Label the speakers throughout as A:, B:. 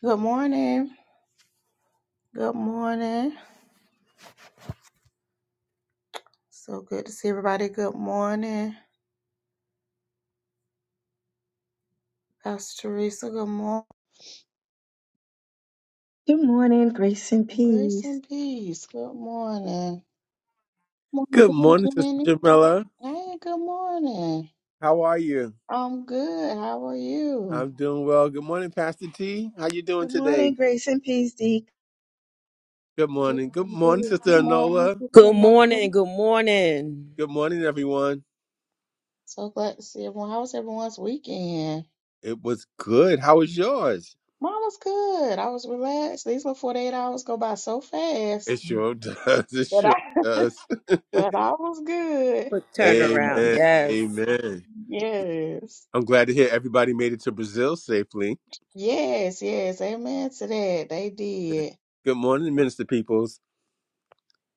A: Good morning. Good morning. So good to see everybody. Good morning. Pastor Teresa, good morning.
B: Good morning, grace and
A: Grace
B: peace.
A: and peace. Good morning. Morning,
C: Good
A: Deacon
C: morning, Sister
A: Kenny.
C: Jamila.
A: Hey, good morning.
C: How are you?
A: I'm good. How are you?
C: I'm doing well. Good morning, Pastor T. How you doing
B: Good morning,
C: today?
B: grace and peace, Deacon.
C: Good
A: Good
C: morning. Good
A: and
C: morning,
A: peace. Good
C: Sister
A: morning,
C: Anola.
A: Sister
D: Good
A: Nova.
D: morning. Good morning.
C: Good morning, everyone.
A: So glad to see everyone. How was everyone's weekend?
C: It was good. How was yours?
A: Mine was good. I was relaxed. These little 48 hours go by so
C: It
A: fast.
C: sure does. It
A: But I
C: sure does.
A: but I was good.
D: Quick turnaround.
C: Amen.
D: Yes.
C: Amen.
A: Yes.
C: I'm glad to hear everybody made it to Brazil safely.
A: Yes, yes, amen to that. They did.
C: Good morning, Minister Peoples.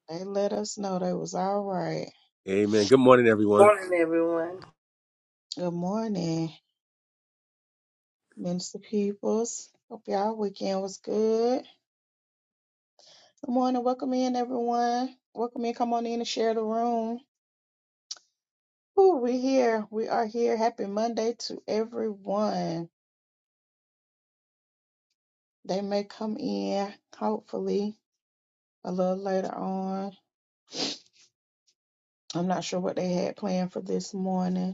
A: They let us know they was all right.
C: Amen. Good morning, everyone.
E: Morning, everyone.
A: Good morning, Minister Peoples. Hope y'all weekend was good. Good morning. Welcome in, everyone. Welcome in. Come on in and share the room. Ooh, we here. We are here. Happy Monday to everyone. They may come in, hopefully, a little later on. I'm not sure what they had planned for this morning.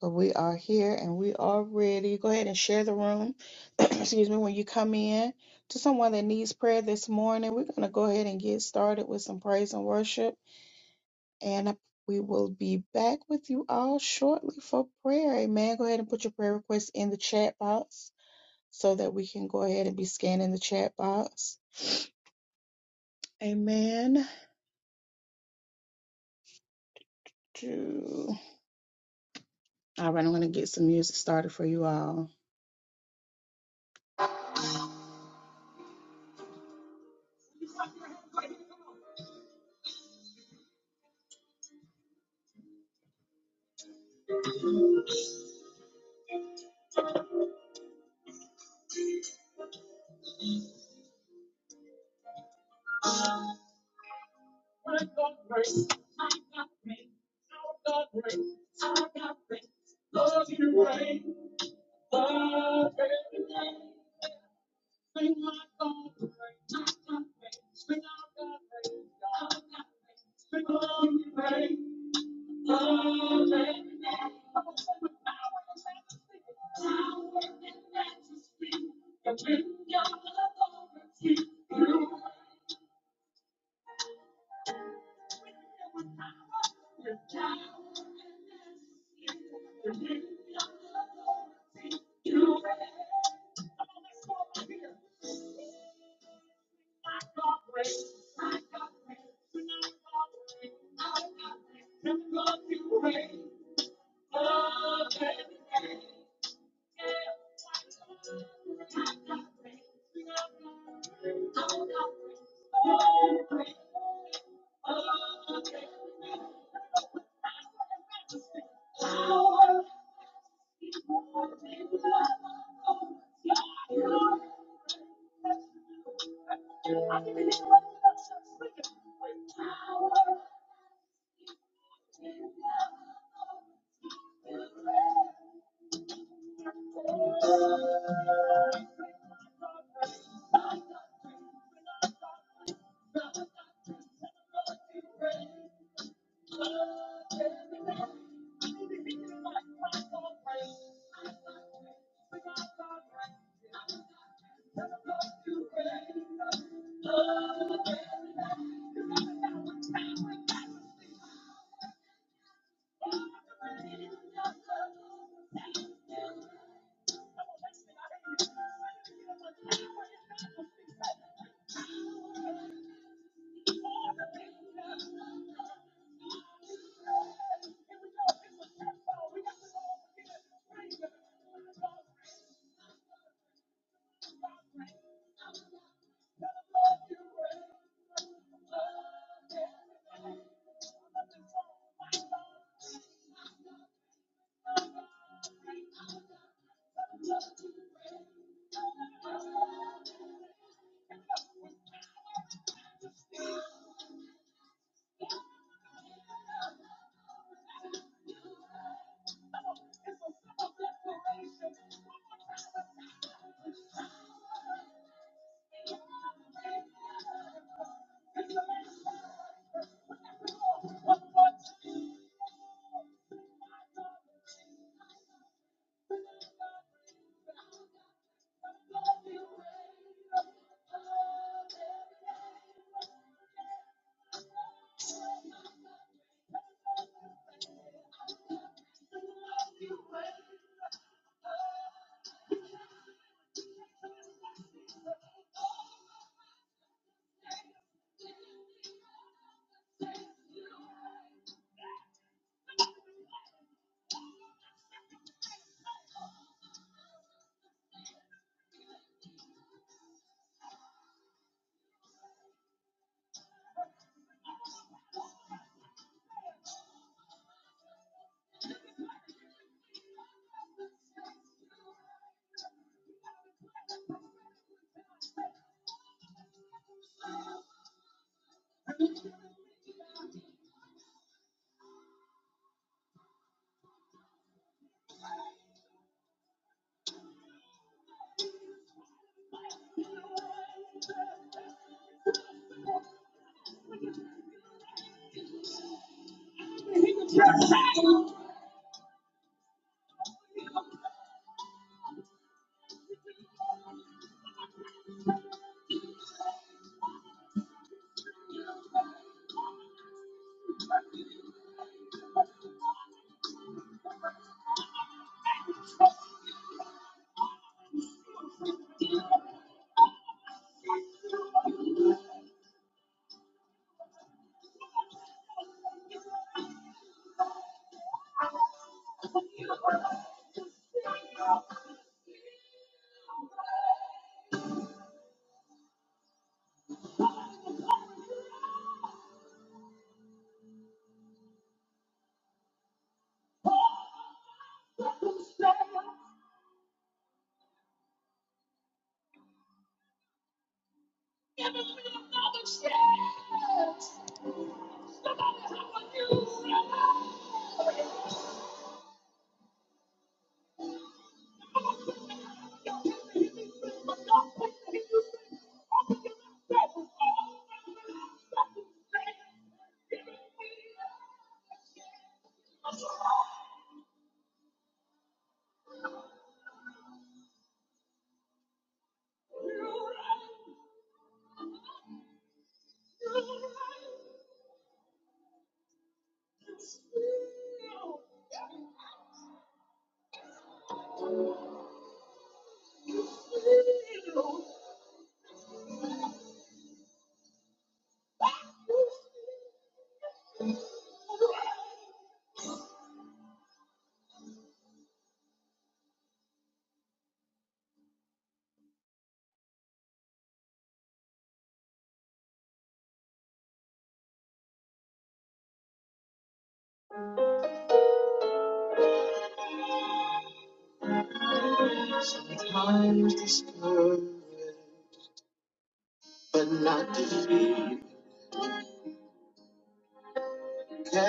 A: But we are here and we are ready. Go ahead and share the room. Excuse me, when you come in to someone that needs prayer this morning, we're going to go ahead and get started with some praise and worship. And we will be back with you all shortly for prayer. Amen. Go ahead and put your prayer request in the chat box so that we can go ahead and be scanning the chat box. Amen. Do- All right, I'm going to get some music started for you all.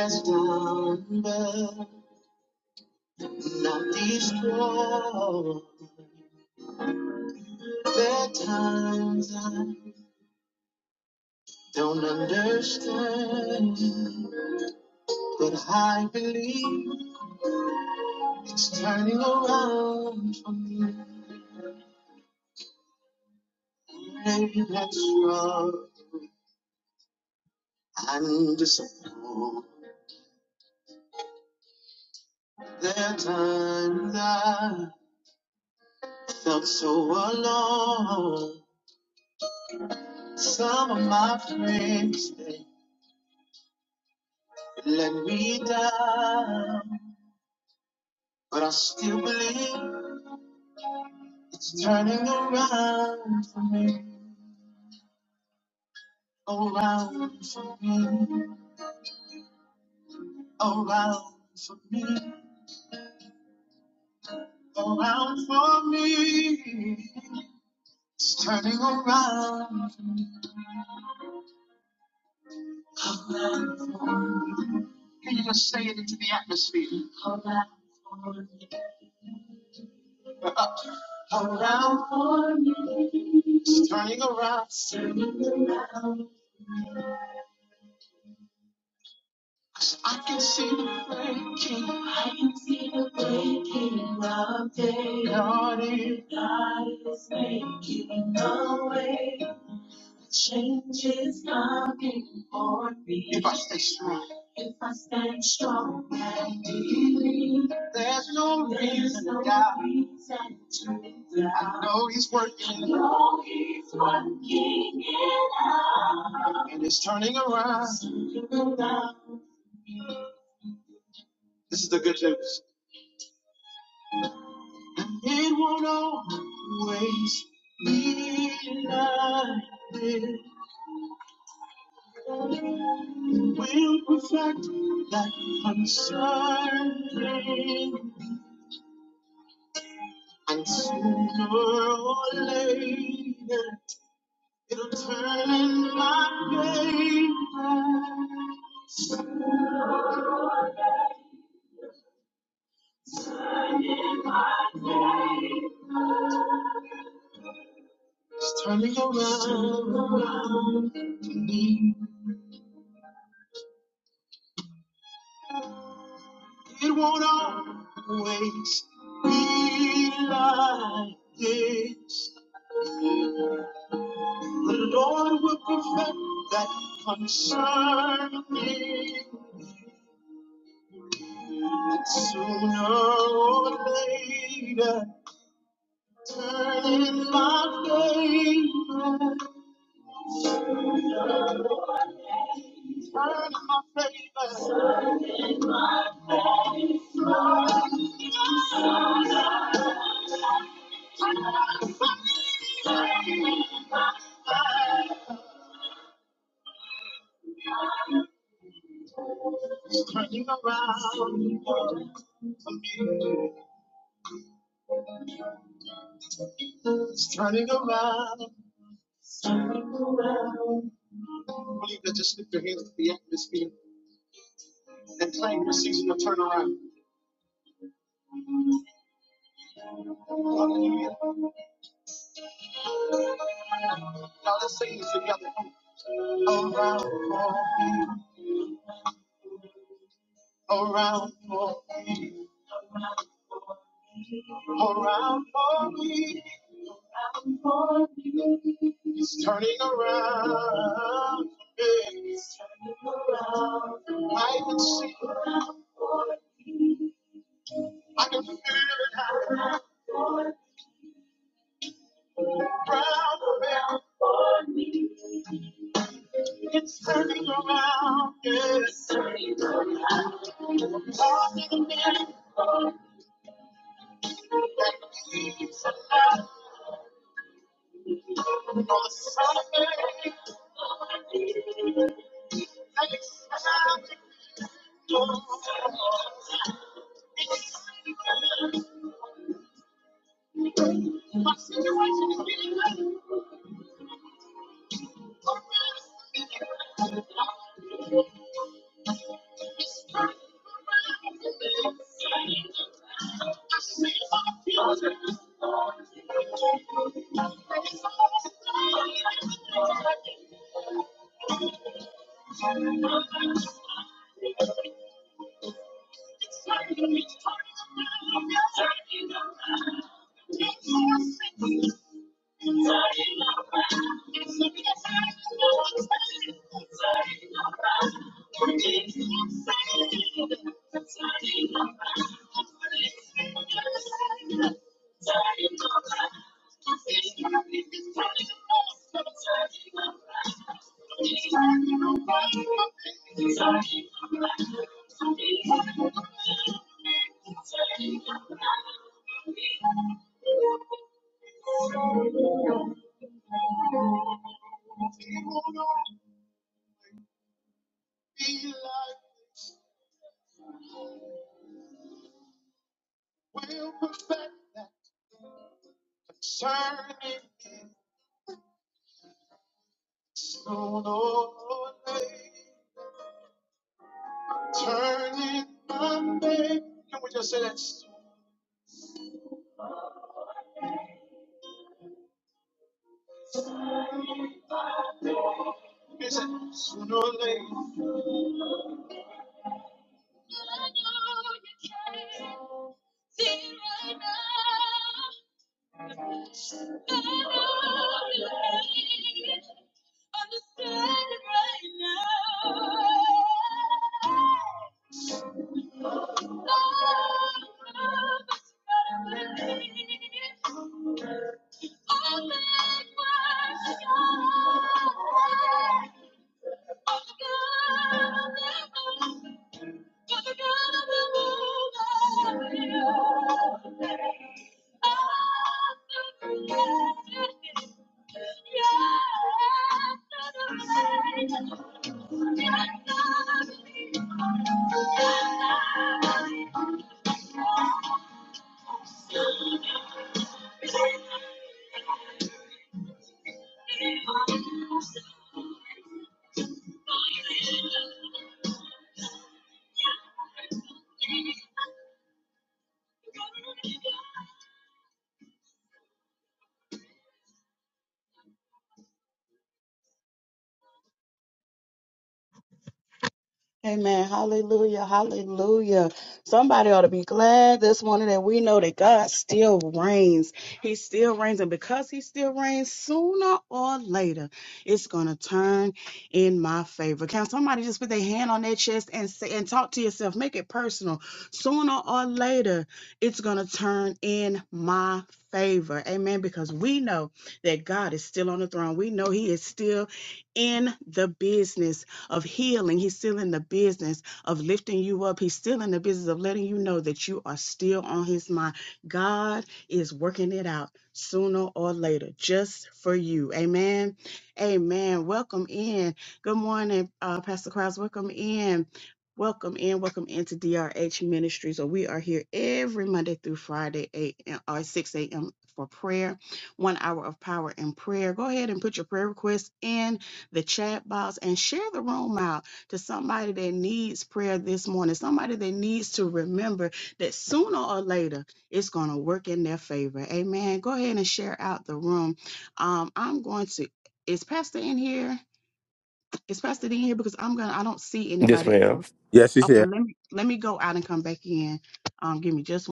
A: Thunder, not destroy. There are times I don't understand, but I believe it's turning around for me. Maybe that's wrong. I'm disappointed. There are times I felt so alone. Some of my friends they let me down, but I still believe it's turning around for me, around for me. around for me, around for me. It's turning around for me, around for me. Can you just say it into the atmosphere? Around for me, We're up. around for me. It's turning around. Turning around. 'Cause I can see the breaking. I can see the breaking of day. God, it changes coming for me. If I stay strong. There's no reason to doubt. I know he's working. I know he's working it out. And it's turning around. This is the good news. it won't always be like this. We'll perfect that concern. thing. And sooner or later, It'll turn my baby. It's turning around for me. It won't always be like this. The Lord will perfect that concern me. And sooner or later, turn in my favor. Turn in my favor. turning around for me. It's turning around. Believe that just lift your hands to the atmosphere and claim your season of turnaround. Hallelujah. Now let's sing this together. Around for me, around for me, around for me. It's turning around. It's turning around. I can see. I can feel it happening. around the bend. it's turning around. Yes, he won't all be like this. We'll perfect that concerning me. Soon or later, turning Monday. Can we just say that? Is it sooner or later? Amen. Hallelujah. Hallelujah. Somebody ought to be glad this morning that we know that God still reigns. He still reigns. And because he still reigns, sooner or later, it's going to turn in my favor. Can somebody just put their hand on their chest and say, and talk to yourself? Make it personal. Sooner or later, it's going to turn in my favor. Amen. Because we know that God is still on the throne. We know he is still in the business of healing. He's still in the business of lifting you up. He's still in the business of letting you know that you are still on his mind. God is working it out sooner or later just for you. Amen. Amen. Welcome in. Good morning, uh, Pastor Krause. Welcome in. Welcome in, welcome into DRH Ministries. So we are here every Monday through Friday, 8 a.m. or 6 a.m. for prayer, one hour of power and prayer. Go ahead and put your prayer requests in the chat box and share the room out to somebody that needs prayer this morning, somebody that needs to remember that sooner or later it's going to work in their favor. Amen. Go ahead and share out the room. Um, I'm going to. Is Pastor in here? Is Pastor in here? Because I'm gonna. I don't see
F: Yes,
A: anybody.
F: ma'am.
A: else.
C: Yes, she's here.
A: Okay, let me let me go out and come back in. Um, give me just.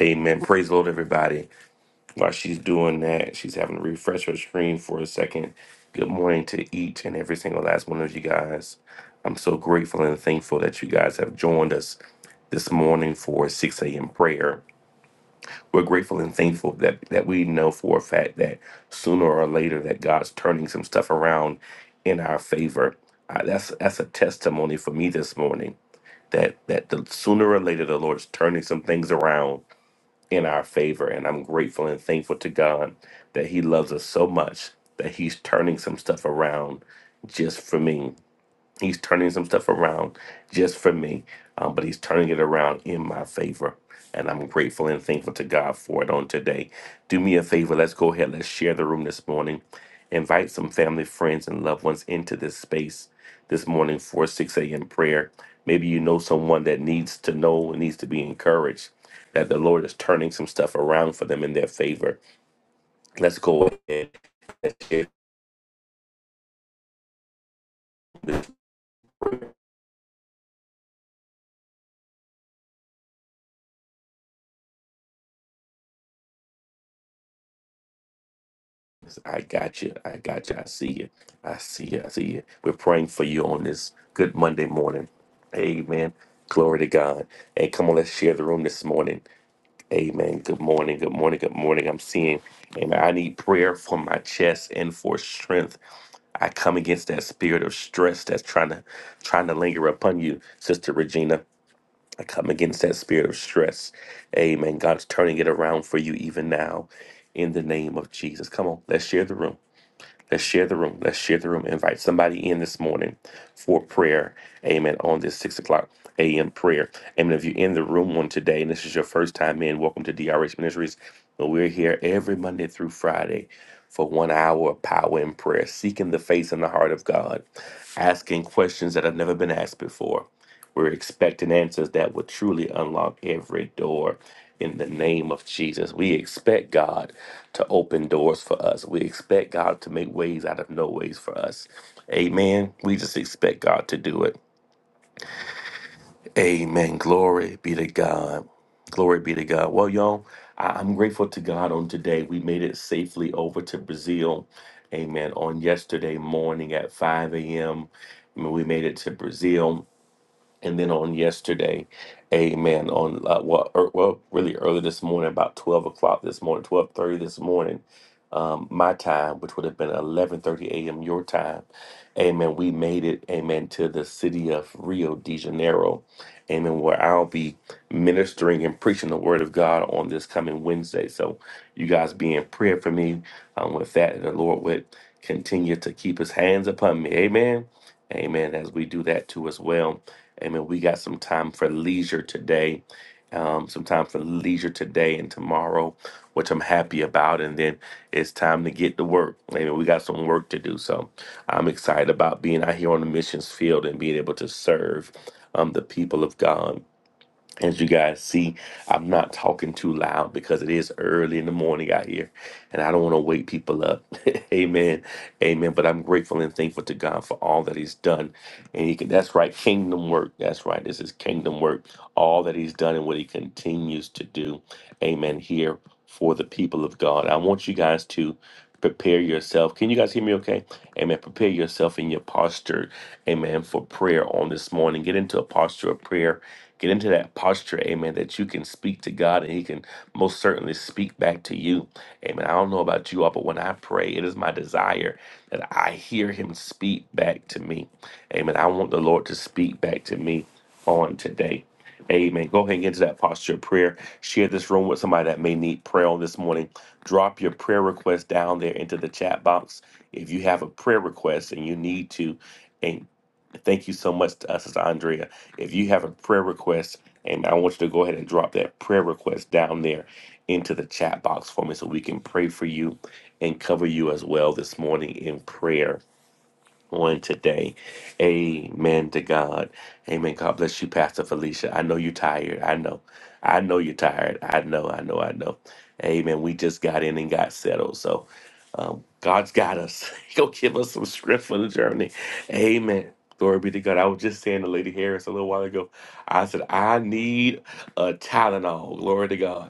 F: Amen. Praise the Lord, everybody. While she's doing that, she's having to refresh her screen for a second. Good morning to each and every single last one of you guys. I'm so grateful and thankful that you guys have joined us this morning for 6 a.m. prayer. We're grateful and thankful that, that we know for a fact that sooner or later that God's turning some stuff around in our favor. Uh, that's that's a testimony for me this morning that that the sooner or later the Lord's turning some things around in our favor. And I'm grateful and thankful to God that He loves us so much that He's turning some stuff around just for me. He's turning some stuff around just for me, um, but he's turning it around in my favor. And I'm grateful and thankful to God for it on today. Do me a favor. Let's go ahead. Let's share the room this morning. Invite some family, friends, and loved ones into this space this morning for 6 a.m. prayer. Maybe you know someone that needs to know and needs to be encouraged that the Lord is turning some stuff around for them in their favor. Let's go ahead I got you. I got you. I see you. I see you. I see you. We're praying for you on this good Monday morning. Amen. Glory to God. And come on, let's share the room this morning. Amen. Good morning. Good morning. Good morning. I'm seeing, and I need prayer for my chest and for strength. I come against that spirit of stress that's trying to trying to linger upon you, Sister Regina. I come against that spirit of stress. Amen. God's turning it around for you even now in the name of Jesus. Come on, let's share the room. Let's share the room. Let's share the room. Invite somebody in this morning for prayer. Amen. On this six o'clock a.m. prayer. Amen. If you're in the room on today and this is your first time in, welcome to DRH Ministries. But we're here every Monday through Friday for one hour of power in prayer, seeking the face and the heart of God, asking questions that have never been asked before we're expecting answers that will truly unlock every door in the name of Jesus. We expect God to open doors for us. We expect God to make ways out of no ways for us. Amen. We just expect God to do it. Amen. Glory be to God. Glory be to God. Well, y'all, I- I'm grateful to God on today. We made it safely over to Brazil. Amen. On yesterday morning at 5 a.m., mean, we made it to Brazil and then on yesterday, amen, on uh, well, er, well, really early this morning, about 12 o'clock this morning, 12.30 this morning, um, my time, which would have been 11.30 a.m. your time, amen, we made it, amen, to the city of Rio de Janeiro, amen, where I'll be ministering and preaching the word of God on this coming Wednesday. So you guys be in prayer for me um, with that, the Lord would continue to keep his hands upon me, amen, amen, as we do that too as well Amen. We got some time for leisure today, um, some time for leisure today and tomorrow, which I'm happy about. And then it's time to get to work. Amen. We got some work to do. So I'm excited about being out here on the missions field and being able to serve um, the people of God. As you guys see, I'm not talking too loud because it is early in the morning out here and I don't want to wake people up. Amen. Amen. But I'm grateful and thankful to God for all that He's done. And he can, that's right, kingdom work. That's right. This is kingdom work. All that He's done and what He continues to do. Amen. Here for the people of God. I want you guys to prepare yourself. Can you guys hear me okay? Amen. Prepare yourself in your posture. Amen. For prayer on this morning. Get into a posture of prayer Get into that posture, amen, that you can speak to God and He can most certainly speak back to you. Amen. I don't know about you all, but when I pray, it is my desire that I hear Him speak back to me. Amen. I want the Lord to speak back to me on today. Amen. Go ahead and get into that posture of prayer. Share this room with somebody that may need prayer on this morning. Drop your prayer request down there into the chat box. If you have a prayer request and you need to, and thank you so much to us as Andrea if you have a prayer request, and I want you to go ahead and drop that prayer request down there into the chat box for me so we can pray for you and cover you as well this morning in prayer on today. Amen to God. Amen. God bless you, Pastor Felicia. I know you're tired. I know. I know you're tired. I know. I know. I know. Amen. We just got in and got settled. So um, God's got us. He'll give us some script for the journey. Amen. Glory be to God. I was just saying to Lady Harris a little while ago, I said, I need a Tylenol. Glory to God.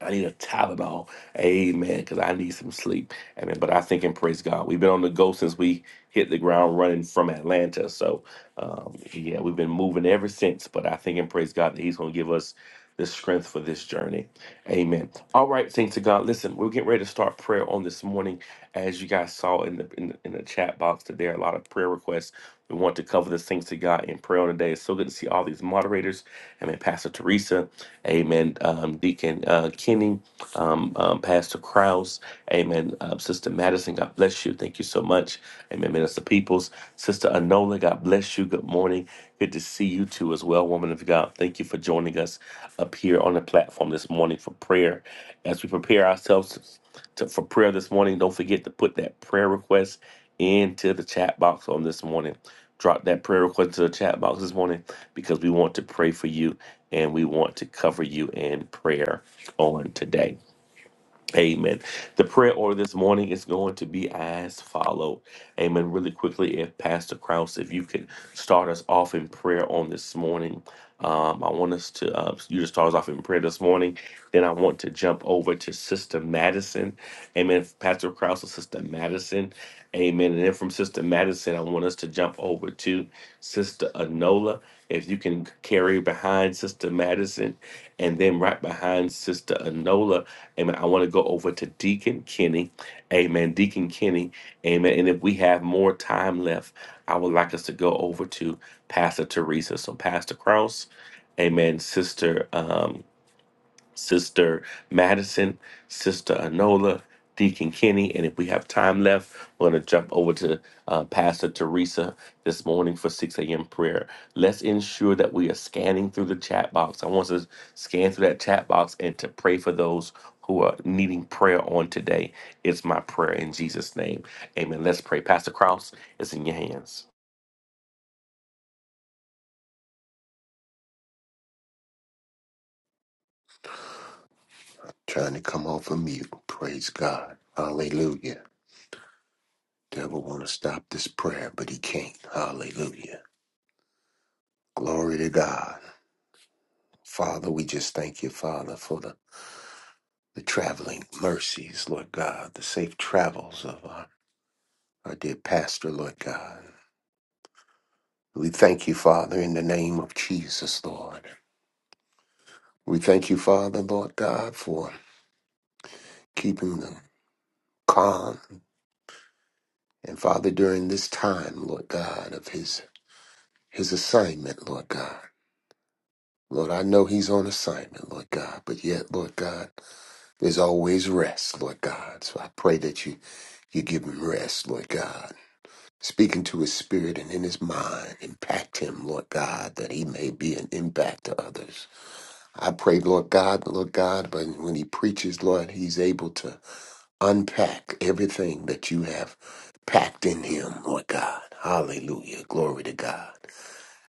F: I need a Tylenol. Amen. Because I need some sleep. Amen. But I think and praise God. We've been on the go since we hit the ground running from Atlanta. So, um, yeah, we've been moving ever since. But I think and praise God that He's going to give us the strength for this journey. Amen. All right, thanks to God. Listen, we're getting ready to start prayer on this morning. As you guys saw in the in, the- in the chat box today, a lot of prayer requests. We want to cover the things to God in prayer on today. It's so good to see all these moderators. Amen. Pastor Teresa. Amen. Um, Deacon uh, Kenny, um, um, Pastor Krause, Amen. Um, Sister Madison, God bless you. Thank you so much. Amen. Minister Peoples, Sister Anola, God bless you. Good morning. Good to see you too, as well, woman of God. Thank you for joining us up here on the platform this morning for prayer. As we prepare ourselves to, for prayer this morning, don't forget to put that prayer request into the chat box on this morning. Drop that prayer request to the chat box this morning because we want to pray for you and we want to cover you in prayer on today. Amen. The prayer order this morning is going to be as follow. Amen. Really quickly, if Pastor Krause, if you could start us off in prayer on this morning. Um, I want us to uh, you to start us off in prayer this morning. Then I want to jump over to Sister Madison. Amen. Pastor Krause and Sister Madison. Amen. And then from Sister Madison, I want us to jump over to Sister Anola. If you can carry behind Sister Madison, and then right behind Sister Anola Amen. I want to go over to Deacon Kenny. Amen. Deacon Kenny. Amen. And if we have more time left, I would like us to go over to Pastor Teresa. So Pastor Kraus. Amen. Sister. um, Sister Madison, Sister Anola, Deacon Kenny, and if we have time left, we're going to jump over to uh, Pastor Teresa this morning for 6 a.m. prayer. Let's ensure that we are scanning through the chat box. I want us to scan through that chat box and to pray for those who are needing prayer on today. It's my prayer in Jesus' name. Amen. Let's pray. Pastor Krause, it's in your hands.
G: trying to come off of mute. Praise God. Hallelujah. Devil want to stop this prayer, but he can't. Hallelujah. Glory to God. Father, we just thank you, Father, for the, the traveling mercies, Lord God, the safe travels of our, our dear pastor, Lord God. We thank you, Father, in the name of Jesus, Lord. We thank you, Father, Lord God, for keeping them calm. And Father, during this time, Lord God, of his his assignment, Lord God. Lord, I know he's on assignment, Lord God, but yet, Lord God, there's always rest, Lord God. So I pray that you, you give him rest, Lord God. Speak into his spirit and in his mind, impact him, Lord God, that he may be an impact to others. I pray, Lord God, Lord God, but when he preaches, Lord, he's able to unpack everything that you have packed in him, Lord God. Hallelujah. Glory to God.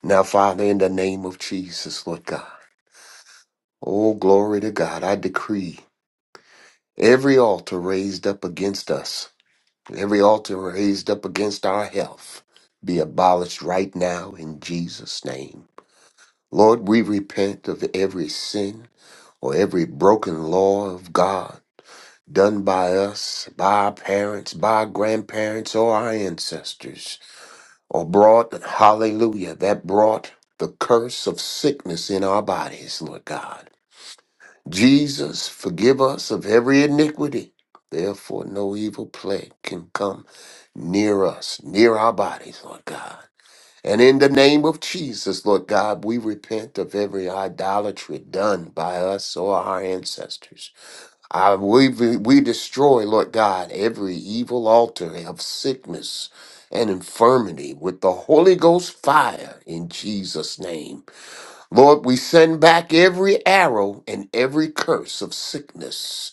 G: Now, Father, in the name of Jesus, Lord God. Oh, glory to God. I decree every altar raised up against us, every altar raised up against our health, be abolished right now in Jesus' name. Lord, we repent of every sin or every broken law of God done by us, by our parents, by our grandparents, or our ancestors, or brought, hallelujah, that brought the curse of sickness in our bodies, Lord God. Jesus, forgive us of every iniquity. Therefore, no evil plague can come near us, near our bodies, Lord God. And in the name of Jesus, Lord God, we repent of every idolatry done by us or our ancestors. I, we, we destroy, Lord God, every evil altar of sickness and infirmity with the Holy Ghost fire in Jesus' name. Lord, we send back every arrow and every curse of sickness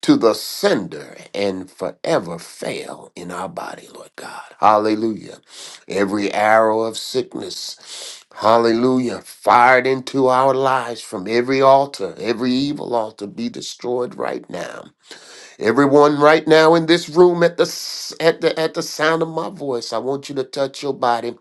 G: to the sender and forever fail in our body, Lord God. Hallelujah. Every arrow of sickness, hallelujah, fired into our lives from every altar, every evil altar be destroyed right now. Everyone right now in this room at the s- at the at the sound of my voice, I want you to touch your body.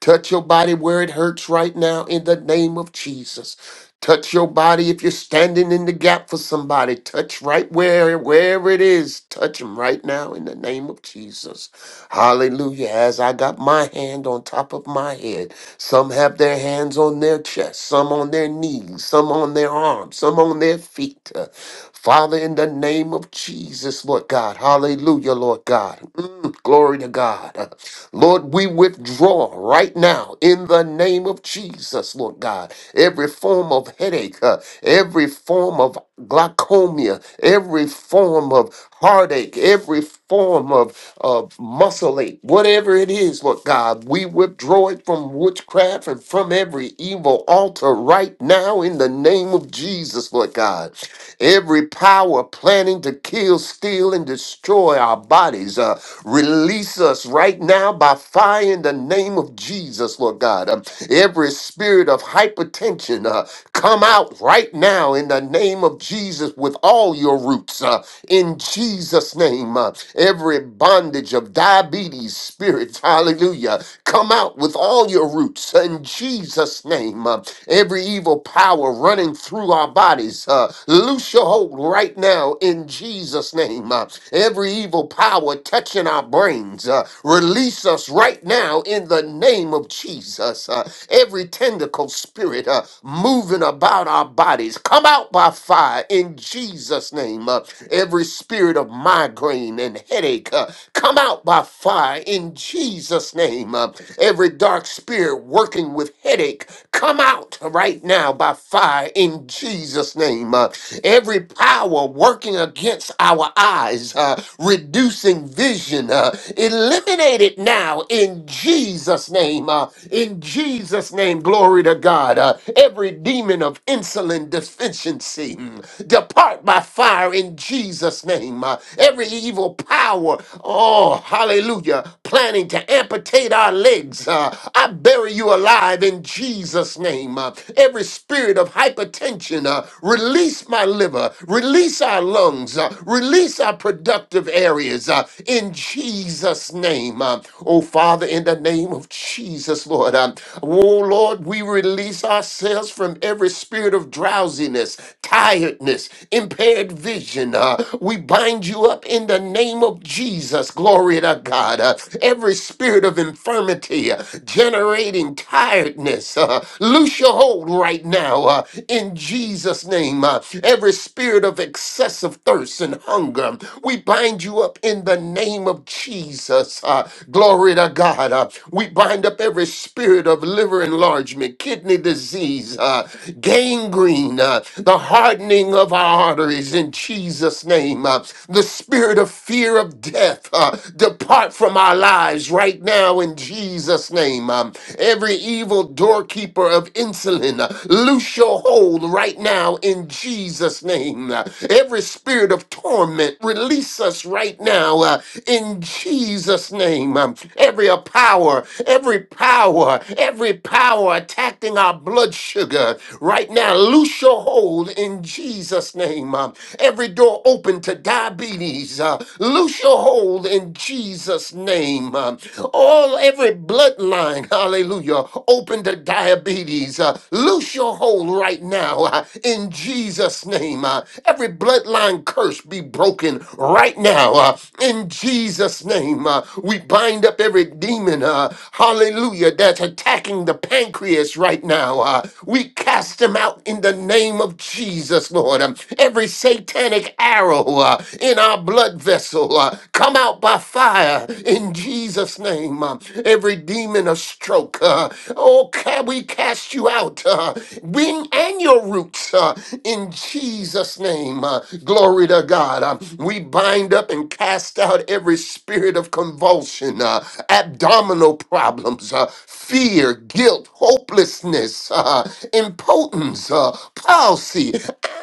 G: Touch your body where it hurts right now in the name of Jesus. Touch your body if you're standing in the gap for somebody. Touch right where wherever it is. Touch them right now in the name of Jesus. Hallelujah. As I got my hand on top of my head, some have their hands on their chest, some on their knees, some on their arms, some on their feet. Uh, Father, in the name of Jesus, Lord God. Hallelujah, Lord God. Mm, glory to God. Lord, we withdraw right now in the name of Jesus, Lord God. Every form of headache, uh, every form of glaucoma, every form of heartache, every form of, of muscle ache, whatever it is, Lord God, we withdraw it from witchcraft and from every evil altar right now in the name of Jesus, Lord God. Every power planning to kill, steal, and destroy our bodies, uh, release us right now by fire in the name of Jesus, Lord God. Um, every spirit of hypertension, uh, come out right now in the name of Jesus with all your roots, uh, in Jesus' name. uh, every bondage of diabetes, spirits, hallelujah. Come out with all your roots in Jesus' name. Uh, every evil power running through our bodies, uh, loose your hold right now in Jesus' name. Uh, every evil power touching our brains, uh, release us right now in the name of Jesus. Uh, every tentacle spirit uh, moving about our bodies, come out by fire in Jesus' name. Uh, every spirit of migraine and headache, uh, come out by fire in Jesus' name. Uh, every dark spirit working with headache, come out right now by fire in Jesus' name. Uh, every power working against our eyes, uh, reducing vision, uh, eliminate it now in Jesus' name. Uh, in Jesus' name, glory to God. Uh, every demon of insulin deficiency, mm, depart by fire in Jesus' name. Uh, every evil evil power, oh, hallelujah, planning to amputate our legs, uh, I bury you alive in Jesus' name. Uh, every spirit of hypertension, uh, release my liver, release our lungs, uh, release our productive areas uh, in Jesus' name. Uh, oh, Father, in the name of Jesus, Lord. Uh, oh, Lord, we release ourselves from every spirit of drowsiness, tiredness, impaired vision addiction. uh, we bind you up in the name of Jesus. Glory to God. Uh, every spirit of infirmity uh, generating tiredness, uh, loose your hold right now uh, in Jesus' name. Uh, every spirit of excessive thirst and hunger, we bind you up in the name of Jesus. Uh, glory to God. Uh, we bind up every spirit of liver enlargement, kidney disease, uh, gangrene, uh, the heart hardening of our arteries in Jesus' name. Uh, the spirit of fear of death uh, depart from our lives right now in Jesus' name. Um, every evil doorkeeper of insulin, uh, loose your hold right now in Jesus' name. Uh, every spirit of torment, release us right now uh, in Jesus' name. Um, every power, every power, every power attacking our blood sugar, right now. Loose your hold in Jesus' name. Um, every door open to diabetes. Uh, loose your hold in Jesus' name. Um, all every bloodline, hallelujah, open to diabetes. Uh, loose your hold right now uh, in Jesus' name. Uh, every bloodline curse be broken right now uh, in Jesus' name. Uh, we bind up every demon, uh, hallelujah, that's attacking the pancreas pancreas right now. Uh, we cast them out in the name of Jesus, Lord. Um, every satanic arrow uh, in our blood vessel, uh, come out by fire in Jesus' name. Um, every demon of stroke, uh, oh, can we cast you out, uh, wing and your roots uh, in Jesus' name. Uh, glory to God. Um, we bind up and cast out every spirit of convulsion, uh, abdominal problems problems, uh, fear, guilt, hopelessness, uh, impotence, uh, palsy,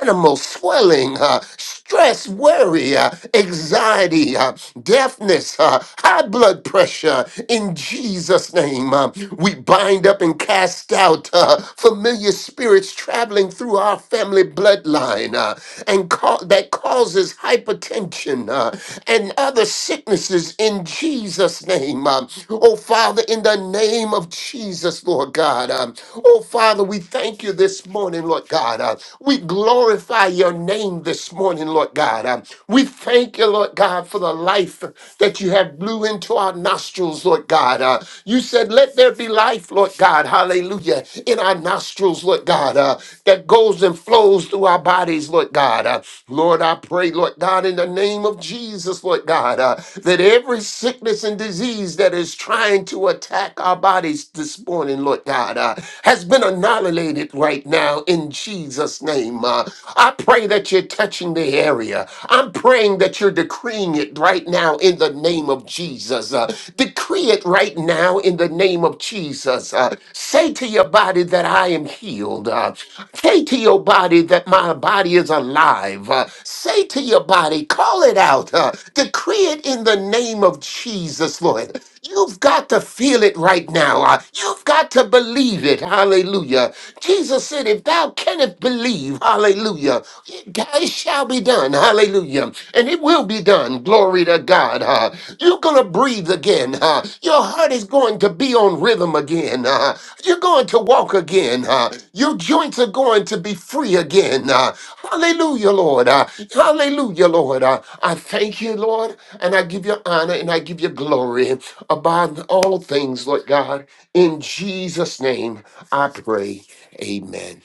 G: animal swelling, uh, stress, worry, uh, anxiety, uh, deafness, uh, high blood pressure. In Jesus' name, uh, we bind up and cast out uh, familiar spirits traveling through our family bloodline uh, and ca- that causes hypertension uh, and other sicknesses in Jesus. Jesus' name. Um, oh, Father, in the name of Jesus, Lord God. Um, oh, Father, we thank you this morning, Lord God. Uh, we glorify your name this morning, Lord God. Um, we thank you, Lord God, for the life that you have blew into our nostrils, Lord God. Uh, you said, let there be life, Lord God. Hallelujah. In our nostrils, Lord God, uh, that goes and flows through our bodies, Lord God. Uh, Lord, I pray, Lord God, in the name of Jesus, Lord. Lord God, uh, that every sickness and disease that is trying to attack our bodies this morning, Lord God, uh, has been annihilated right now in Jesus' name. Uh, I pray that you're touching the area. I'm praying that you're decreeing it right now in the name of Jesus. Uh, decree it right now in the name of Jesus. Uh, say to your body that I am healed. Uh, say to your body that my body is alive. Uh, say Say to your body, call it out, uh, decree it in the name of Jesus, Lord. You've got to feel it right now. uh, you've got to believe it. Hallelujah. Jesus said, If thou canst believe, hallelujah, it it shall be done. Hallelujah. And it will be done. Glory to God. huh? You're going to breathe again. huh? Your heart is going to be on rhythm again. huh? You're going to walk again. huh? Your joints are going to be free again. huh? Hallelujah, Lord. Uh, hallelujah, Lord. Uh, I thank you, Lord, and I give you honor and I give you glory above all things, Lord God. In Jesus' name, I pray. Amen.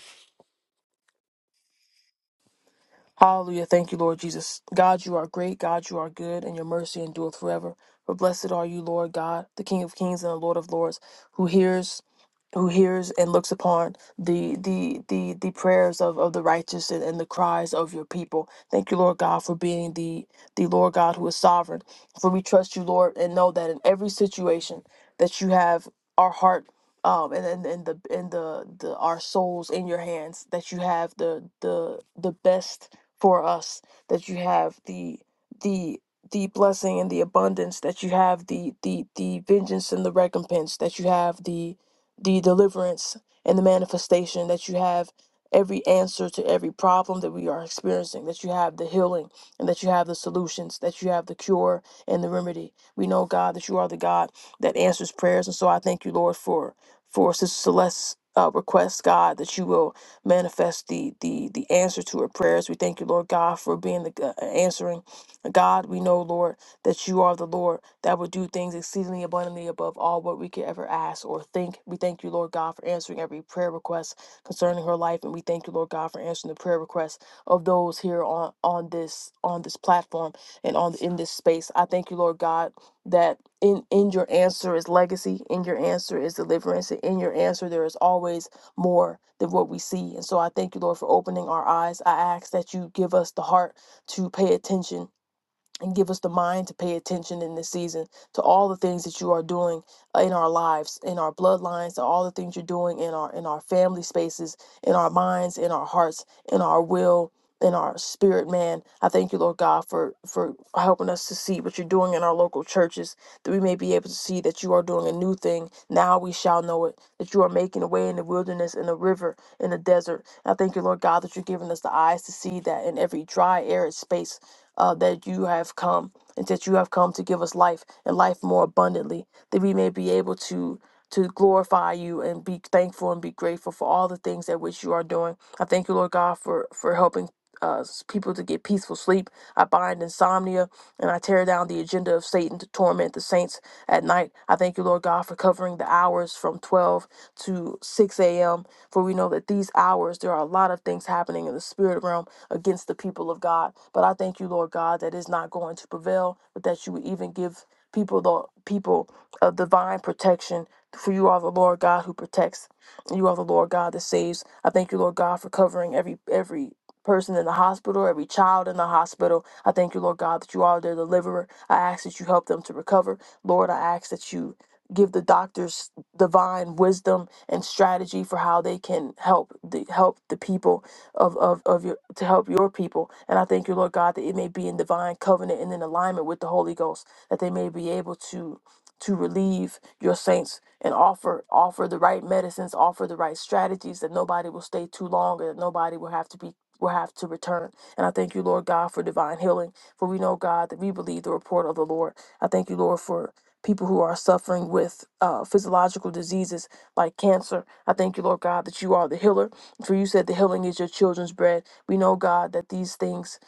H: Hallelujah. Thank you, Lord Jesus. God, you are great. God, you are good, and your mercy endureth forever. For blessed are you, Lord God, the King of kings and the Lord of lords, who hears who hears and looks upon the the the the prayers of, of the righteous and, and the cries of your people. Thank you, Lord God, for being the the Lord God who is sovereign. For we trust you, Lord, and know that in every situation that you have our heart um and, and, and the and the, the our souls in your hands, that you have the the the best for us, that you have the the the blessing and the abundance that you have the the the vengeance and the recompense that you have the the deliverance and the manifestation that you have every answer to every problem that we are experiencing that you have the healing and that you have the solutions that you have the cure and the remedy we know god that you are the god that answers prayers and so i thank you lord for for sister celeste's uh, request god that you will manifest the the the answer to her prayers we thank you lord god for being the uh, answering god we know lord that you are the Lord that would do things exceedingly abundantly above all what we could ever ask or think. We thank you, Lord God, for answering every prayer request concerning her life. And we thank you, Lord God, for answering the prayer requests of those here on, on this on this platform and on in this space. I thank you, Lord God, that in, in your answer is legacy, in your answer is deliverance, and in your answer there is always more than what we see. And so I thank you, Lord, for opening our eyes. I ask that you give us the heart to pay attention and give us the mind to pay attention in this season to all the things that you are doing uh, in our lives in our bloodlines to all the things you're doing in our in our family spaces in our minds in our hearts in our will in our spirit man i thank you lord god for for helping us to see what you're doing in our local churches that we may be able to see that you are doing a new thing now we shall know it that you are making a way in the wilderness in the river in the desert i thank you lord god that you're giving us the eyes to see that in every dry arid space uh, that you have come and that you have come to give us life and life more abundantly, that we may be able to to glorify you and be thankful and be grateful for all the things that which you are doing. I thank you, Lord God, for for helping uh, people to get peaceful sleep. I bind insomnia and I tear down the agenda of Satan to torment the saints at night. I thank you, Lord God, for covering the hours from 12 to 6 a.m. For we know that these hours, there are a lot of things happening in the spirit realm against the people of God. But I thank you, Lord God, that it's not going to prevail, but that you would even give people the people of divine protection. For you are the Lord God who protects. You are the Lord God that saves. I thank you, Lord God, for covering every every person in the hospital, every child in the hospital. I thank you, Lord God, that you are their deliverer. I ask that you help them to recover. Lord, I ask that you give the doctors divine wisdom and strategy for how they can help the help the people of, of, of your to help your people. And I thank you, Lord God, that it may be in divine covenant and in alignment with the Holy Ghost, that they may be able to to relieve your saints and offer offer the right medicines, offer the right strategies, that nobody will stay too long and that nobody will have to be will have to return. And I thank you, Lord God, for divine healing. For we know, God, that we believe the report of the Lord. I thank you, Lord, for people who are suffering with uh, physiological diseases like cancer. I thank you, Lord God, that you are the healer for you said the healing is your children's bread. We know, God, that these things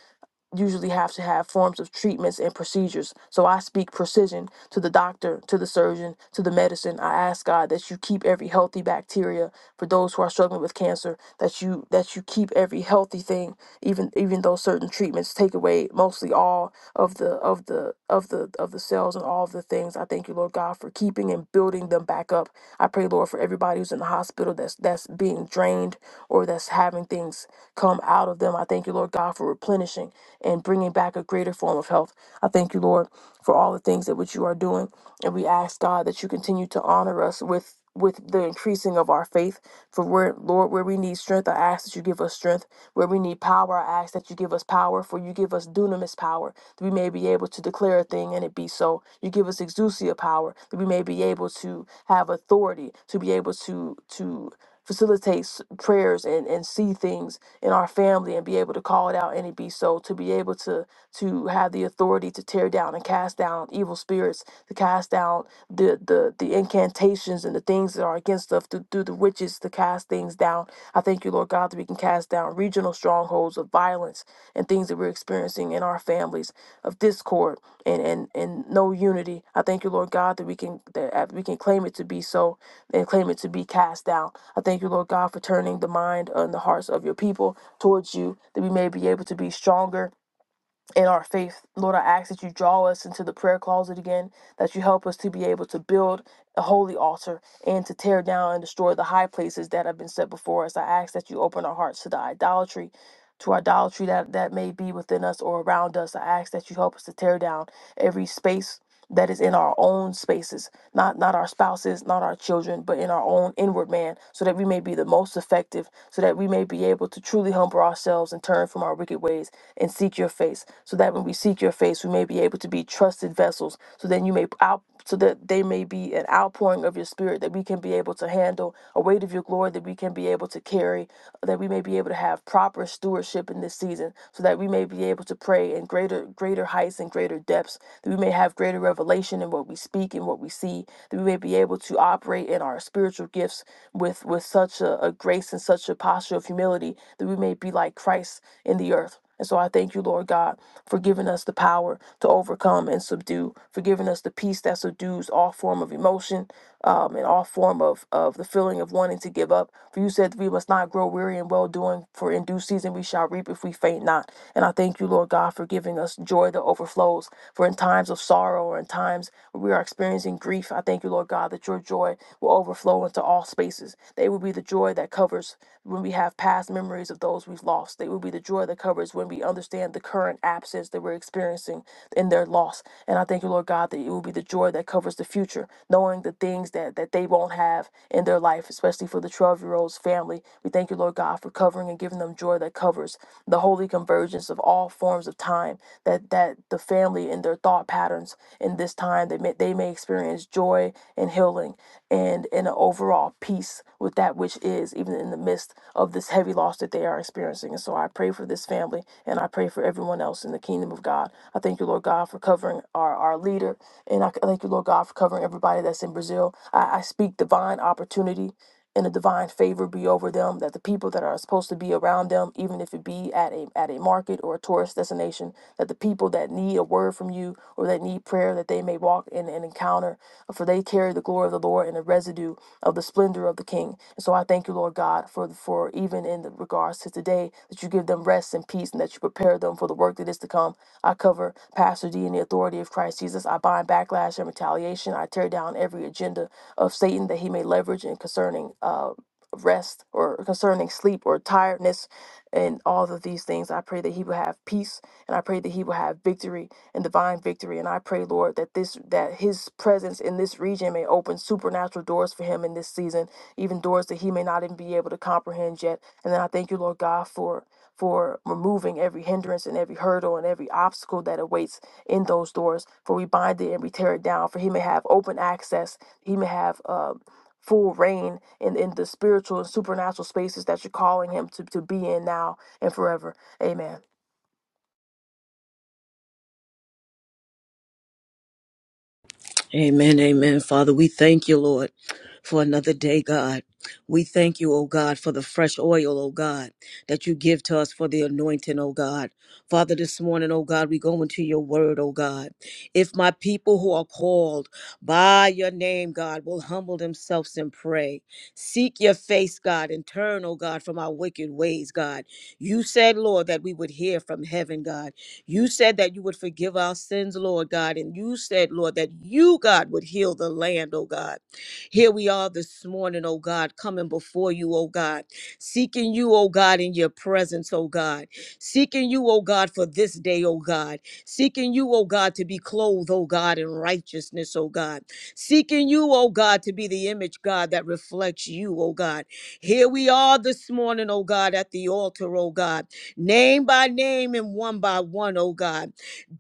H: usually have to have forms of treatments and procedures. So I speak precision to the doctor, to the surgeon, to the medicine. I ask God that you keep every healthy bacteria for those who are struggling with cancer, that you that you keep every healthy thing even even though certain treatments take away mostly all of the of the of the of the cells and all of the things. I thank you, Lord God, for keeping and building them back up. I pray, Lord, for everybody who's in the hospital that's that's being drained or that's having things come out of them. I thank you, Lord God, for replenishing and bringing back a greater form of health. I thank you, Lord, for all the things that which you are doing, and we ask God that you continue to honor us with with the increasing of our faith. For where, Lord, where we need strength, I ask that you give us strength. Where we need power, I ask that you give us power. For you give us dunamis power, that we may be able to declare a thing and it be so. You give us exousia power, that we may be able to have authority, to be able to to facilitate s- prayers and and see things in our family and be able to call it out and it be so. To be able to to have the authority to tear down and cast down evil spirits, to cast down the the, the incantations and the things that are against us, to do the witches, to cast things down. I thank you, Lord God, that we can cast down regional strongholds of violence and things that we're experiencing in our families of discord and and, and no unity. I thank you, Lord God, that we can that uh, we can claim it to be so and claim it to be cast down. I thank you, Lord God, for turning the mind and the hearts of your people towards you, that we may be able to be stronger in our faith. Lord, I ask that you draw us into the prayer closet again, that you help us to be able to build, the holy altar and to tear down and destroy the high places that have been set before us. I ask that you open our hearts to the idolatry, to idolatry that, that may be within us or around us. I ask that you help us to tear down every space that is in our own spaces, not not our spouses, not our children, but in our own inward man, so that we may be the most effective, so that we may be able to truly humble ourselves and turn from our wicked ways and seek your face, so that when we seek your face, we may be able to be trusted vessels, so then you may out so that they may be an outpouring of your spirit that we can be able to handle a weight of your glory that we can be able to carry that we may be able to have proper stewardship in this season so that we may be able to pray in greater greater heights and greater depths that we may have greater revelation in what we speak and what we see that we may be able to operate in our spiritual gifts with with such a, a grace and such a posture of humility that we may be like christ in the earth and so I thank you, Lord God, for giving us the power to overcome and subdue, for giving us the peace that subdues all form of emotion um, and all form of, of the feeling of wanting to give up. For you said that we must not grow weary in well doing, for in due season we shall reap if we faint not. And I thank you, Lord God, for giving us joy that overflows. For in times of sorrow or in times where we are experiencing grief, I thank you, Lord God, that your joy will overflow into all spaces. They. They will be the joy that covers when we have past memories of those we've lost. They will be the joy that covers when we understand the current absence that we're experiencing in their loss. And I thank you, Lord God, that it will be the joy that covers the future, knowing the things that, that they won't have in their life, especially for the 12 year old's family. We thank you, Lord God, for covering and giving them joy that covers the holy convergence of all forms of time, that, that the family and their thought patterns in this time mind that may, they may experience joy and healing and, and an overall peace with that which is, even in the midst of this heavy loss that they are experiencing. And so I pray for this family and I pray for everyone else in the kingdom of God. I thank you, Lord God, for covering our, our leader. And I thank you, Lord God, for covering everybody that's in Brazil. I, I speak divine opportunity and a divine favor be over them that the people that are supposed to be around them even if it be at a at a market or a tourist destination that the people that need a word from you or that need prayer that they may walk in an encounter for they carry the glory of the lord and the residue of the splendor of the king and so I thank you, Lord God, for for even in the regards to today that you give them rest and peace, and that you prepare them for the work that is to come. I cover Pastor D in the authority of Christ Jesus. I bind backlash and retaliation. I tear down every agenda of Satan that he may leverage in concerning. Uh rest or concerning sleep or tiredness and all of these things. I pray that he will have peace and I pray that he will have victory and divine victory. And I pray, Lord, that this that his presence in this region may open supernatural doors for him in this season, even doors that he may not even be able to comprehend yet. And then I thank you, Lord God, for for removing every hindrance and every hurdle and every obstacle that awaits in those doors. For we bind it and we tear it down. For he may have open access. He may have um full reign in, in the spiritual and supernatural spaces that you're calling him to, to be in now and forever. Amen.
D: Amen, amen. Father, we thank you, Lord, for another day, God. We thank you, oh God, for the fresh oil, oh God, that you give to us for the anointing, oh God. Father, this morning, oh God, we go into your word, oh God. If my people who are called by your name, God, will humble themselves and pray, seek your face, God, and turn, oh God, from our wicked ways, God. You said, Lord, that we would hear from heaven, God. You said that you would forgive our sins, Lord God. And you said, Lord, that you, God, would heal the land, oh God. Here we are this morning, oh God, coming before you, oh God, seeking you, oh God, in your presence, oh God. Seeking you, oh God, for this day, oh God. Seeking you, oh God, to be clothed, oh God, in righteousness, oh God. Seeking you, oh God, to be the image, God, that reflects you, oh God. Here we are this morning, oh God, at the altar, oh God name by name and one by one, oh God.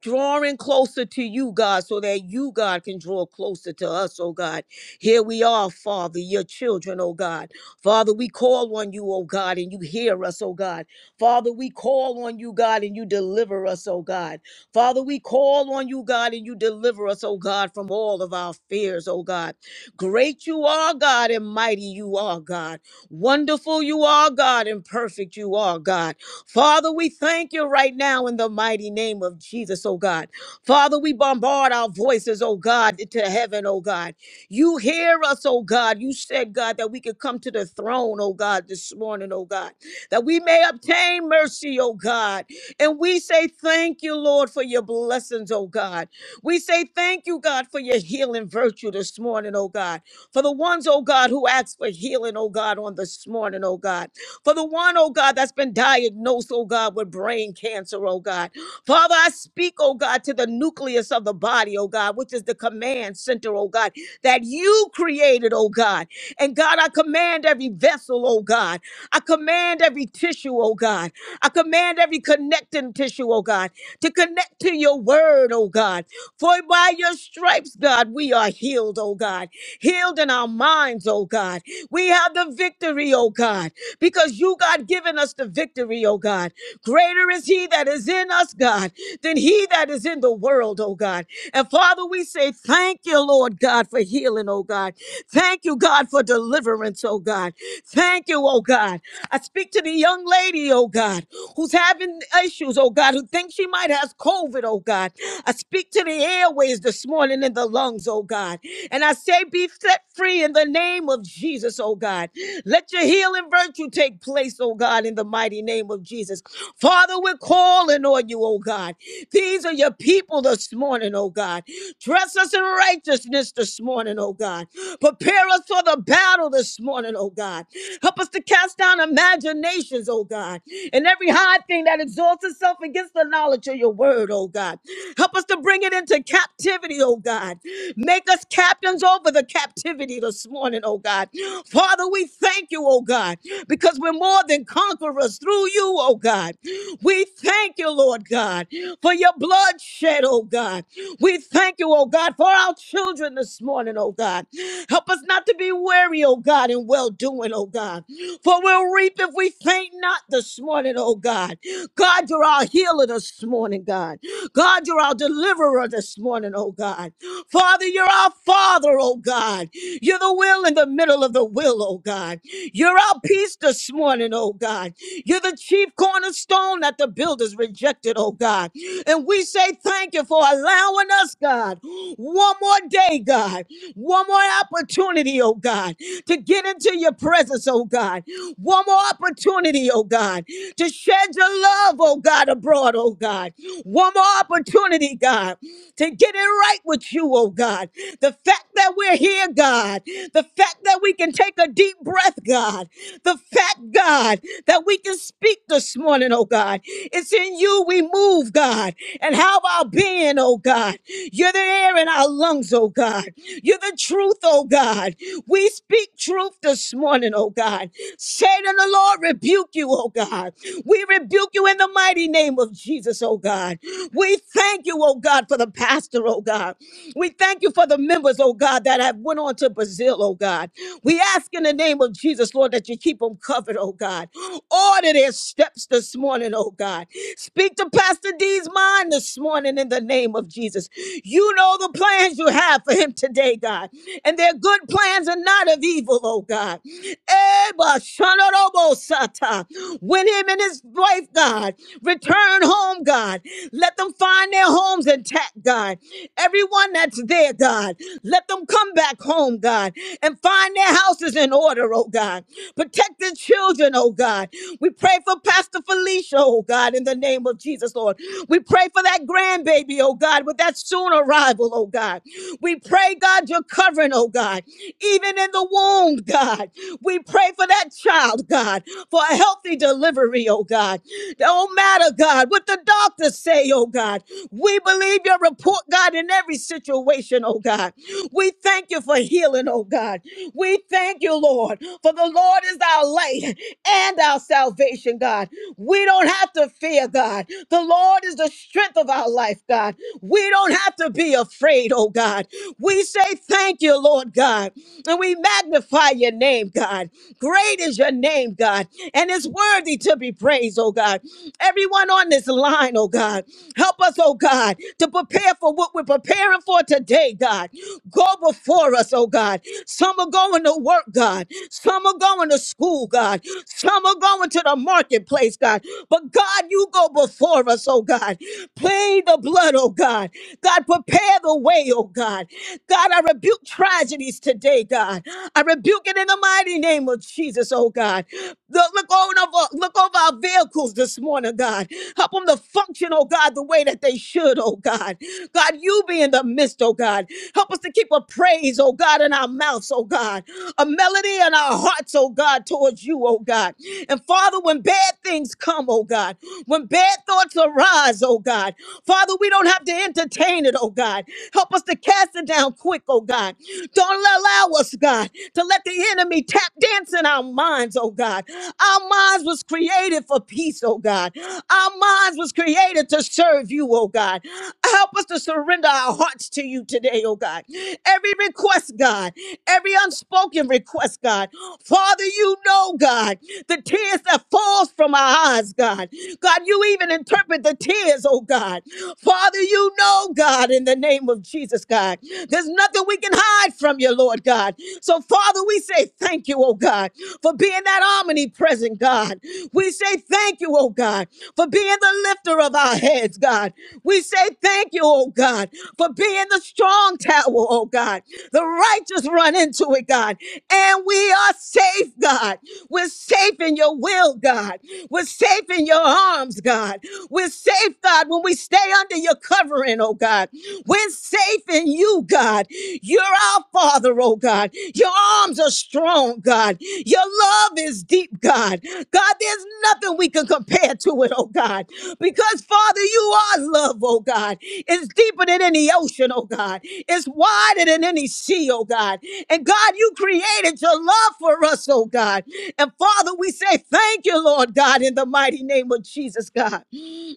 D: Drawing closer to you, God, so that you, God, can draw closer to us, oh God. Here we are, Father, your children, oh God. Father, we call on you, oh God, and you hear us, oh God. Father, we call on you, God, and you deliver us, oh God. Father, we call on you, God, and you deliver us, oh God, from all of our fears, oh God. Great you are, God, and mighty you are, God. Wonderful you are, God, and perfect you are, God. Father, we thank you right now in the mighty name of Jesus, oh God. Father, we bombard our voices, oh God, to heaven, oh God. You hear us, oh God. You said, God, that we could come to the throne, oh God, this morning, oh God, that we may obtain mercy, oh God. And we say thank you, Lord, for your blessings, oh God. We say thank you, God, for your healing virtue this morning, oh God. For the ones, oh God, who ask for healing, oh God, on this morning, oh God. For the one, oh God, that's been diagnosed, oh God, with brain cancer, oh God. Father, I speak, oh God, to the nucleus of the body, oh God, which is the command center, oh God, that you created, oh God. And God, I command every vessel, oh God. I command every tissue, oh God. I command every connecting tissue, oh God, to connect to your word, oh God. For by your stripes, God, we are healed, oh God. Healed in our minds, oh God. We have the victory, oh God, because you, God, given us the victory, oh God. Greater is he that is in us, God, than he that is in the world, oh God. And Father, we say thank you, Lord God, for healing, oh God. Thank you, God, for deliverance, oh God. Thank you, oh God. I speak to the young lady, oh God, who's having issues, oh God, who thinks she might have COVID, oh God. I speak to the airways this morning in the lungs, oh God. And I say, be set free in the name of Jesus, oh God. Let your healing virtue take place, oh God, in the mighty name of Jesus. Father, we're calling on you, oh God. These are your people this morning, oh God. Dress us in righteousness this morning, oh God. Prepare us for the battle this morning, oh God. Help us to cast down imaginations, oh God, and every high thing that exalts itself against the knowledge of your word, oh God. Help us to bring it into captivity, oh God. Make us captains over the captivity this morning, oh God. Father, we thank you, oh God, because we're more than conquerors through you, oh God. We thank you, Lord God, for your blood shed, oh God. We thank you, oh God, for our children this morning, oh God. Help us not to be weary, oh God. God, and well doing, oh God. For we'll reap if we faint not this morning, oh God. God, you're our healer this morning, God. God, you're our deliverer this morning, oh God. Father, you're our Father, oh God. You're the will in the middle of the will, oh God. You're our peace this morning, oh God. You're the chief cornerstone that the builders rejected, oh God. And we say thank you for allowing us, God, one more day, God, one more opportunity opportunity, oh God, to get into your presence, oh God. One more opportunity, oh God, to shed your love, oh God, abroad, oh God. One more opportunity, God, to get it right with you, oh God. The fact that we're here, God, the fact that we can take a deep breath, God, the fact, God, that we can speak this morning, oh God. It's in you we move, God, and how our being, oh God. You're the air in our lungs, oh God. You're the truth, oh God. We speak truth this morning, oh God. Satan, the Lord, rebuke you, oh God. We rebuke you in the mighty name of Jesus, oh God. We thank you, oh God, for the pastor, oh God. We thank you for the members, oh God, that have went on to Brazil, oh God. We ask in the name of Jesus, Lord, that you keep them covered, oh God. Order their steps this morning, oh God. Speak to Pastor D's mind this morning in the name of Jesus. You know the plans plans you have for him today, God. And their good plans are not of evil, oh God. Eba shanorobosata. Win him and his wife, God. Return home, God. Let them find their homes intact, God. Everyone that's there, God. Let them come back home, God, and find their houses in order, oh God. Protect the children, oh God. We pray for Pastor Felicia, oh God, in the name of Jesus, Lord. We pray for that grandbaby, oh God, with that soon arrival, oh God. We pray, God, your covering, oh God, even in the womb, God. We pray for that child, God, for a healthy delivery, oh God. Don't matter, God, what the doctors say, oh God. We believe your report, God, in every situation, oh God. We thank you for healing, oh God. We thank you, Lord, for the Lord is our light and our salvation, God. We don't have to fear, God. The Lord is the strength of our life life, God. We don't have to be afraid, oh God. We say thank you, Lord God, and we magnify your name, God. Great is your name, God, and it's worthy to be praised, oh God. Everyone on this line, oh God, help us, oh God, to prepare for what we're preparing for today, God. Go before us, oh God. Some are going to work, God. Some are going to school, God. Some are going to the marketplace, God. But God, you go before us, oh God. God. Plead the blood, oh God. God, prepare the way, oh God. God, I rebuke tragedies today, God. I rebuke it in the mighty name of Jesus, oh God. Look, look over, look over our vehicles this morning, God. Help them to function, oh God, the way that they should, oh God. God, you be in the midst, oh God. Help us to keep a praise, oh God, in our mouths, oh God. A melody in our hearts, oh God, towards you, oh God. And Father, when bad things come, oh God, when bad thoughts arise, oh God, Father, we don't have to entertain it, oh God. Help us to cast it down quick, oh God. Don't allow us, God, to let the enemy tap dance in our minds, oh God. Our minds was created for peace, oh God. Our minds was created to serve you, oh God. Help us to surrender our hearts to you today, oh God. Every request, God, every unspoken request, God. Father, you know, God, the tears that falls from our eyes, God. God, you even interpret the tears, oh God. Father, you know, God, in the name of Jesus, God. There's nothing we can hide from you, Lord God. So, Father, we say thank you, oh God, for being that omnipresent God. We say thank you, oh God, for being the lifter of our heads, God. We say thank you, oh God, for being the strong tower, oh God. The righteous run into it, God. And we are safe, God. We're safe in your your will, God. We're safe in your arms, God. We're safe, God, when we stay under your covering, oh God. We're safe in you, God. You're our Father, oh God. Your arms are strong, God. Your love is deep, God. God, there's nothing we can compare to it, oh God. Because, Father, you are love, oh God. It's deeper than any ocean, oh God. It's wider than any sea, oh God. And God, you created your love for us, oh God. And Father, we say thank you, Lord God, in the mighty name of Jesus, God.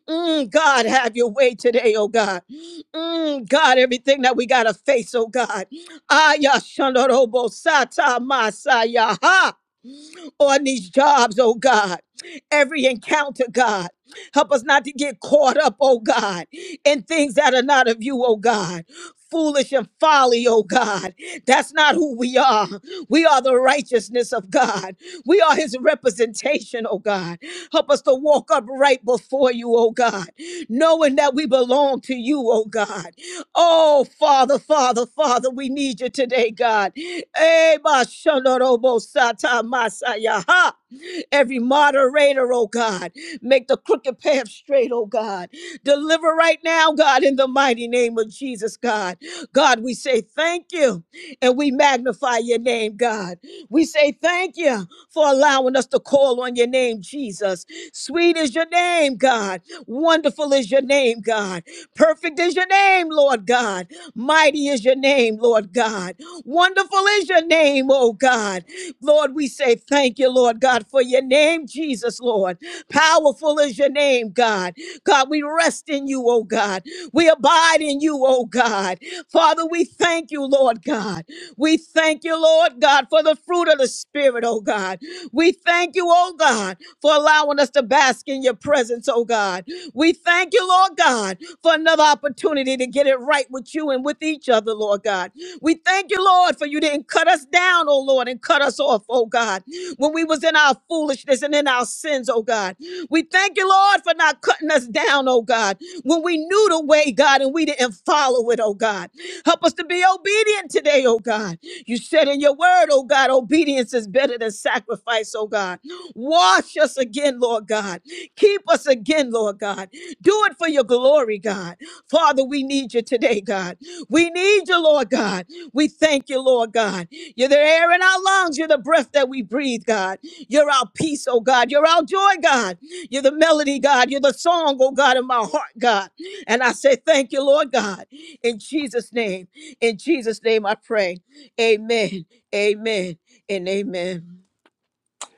D: Mm, God, have your way today, oh God. Mm, God, everything that we got to face, oh God. Aya shandorobo sata masaya on these jobs, oh God. Every encounter, God. Help us not to get caught up, oh God, in things that are not of you, oh God. Foolish and folly, oh God. That's not who we are. We are the righteousness of God. We are his representation, oh God. Help us to walk upright before you, oh God, knowing that we belong to you, oh God. Oh, Father, Father, Father, we need you today, God. Eh, ba shonorobo sata masaya, ha. Every moderator, oh God, make the crooked path straight, oh God. Deliver right now, God, in the mighty name of Jesus, God. God, we say thank you and we magnify your name, God. We say thank you for allowing us to call on your name, Jesus. Sweet is your name, God. Wonderful is your name, God. Perfect is your name, Lord God. Mighty is your name, Lord God. Wonderful is your name, oh God. Lord, we say thank you, Lord God, for your name, Jesus, Lord. Powerful is your name, God. God, we rest in you, oh God. We abide in you, oh God. Father, we thank you, Lord God. We thank you, Lord God, for the fruit of the Spirit, oh God. We thank you, oh God, for allowing us to bask in your presence, oh God. We thank you, Lord God, for another opportunity to get it right with you and with each other, Lord God. We thank you, Lord, for you didn't cut us down, oh Lord, and cut us off, oh God, when we was in our foolishness and in our sins, oh God. We thank you, Lord, for not cutting us down, oh God, when we knew the way, God, and we didn't follow it, oh God. Help us to be obedient today, oh God. You said in your word, oh God, obedience is better than sacrifice, oh God. Wash us again, Lord God. Keep us again, Lord God. Do it for your glory, God. Father, we need you today, God. We need you, Lord God. We thank you, Lord God. You're the air in our lungs. You're the breath that we breathe, God. You're our peace, oh God. You're our joy, God. You're the melody, God. You're the song, oh God, in my heart, God. And I say thank you, Lord God. In Jesus' name, in Jesus' name I pray. Amen, amen, and amen.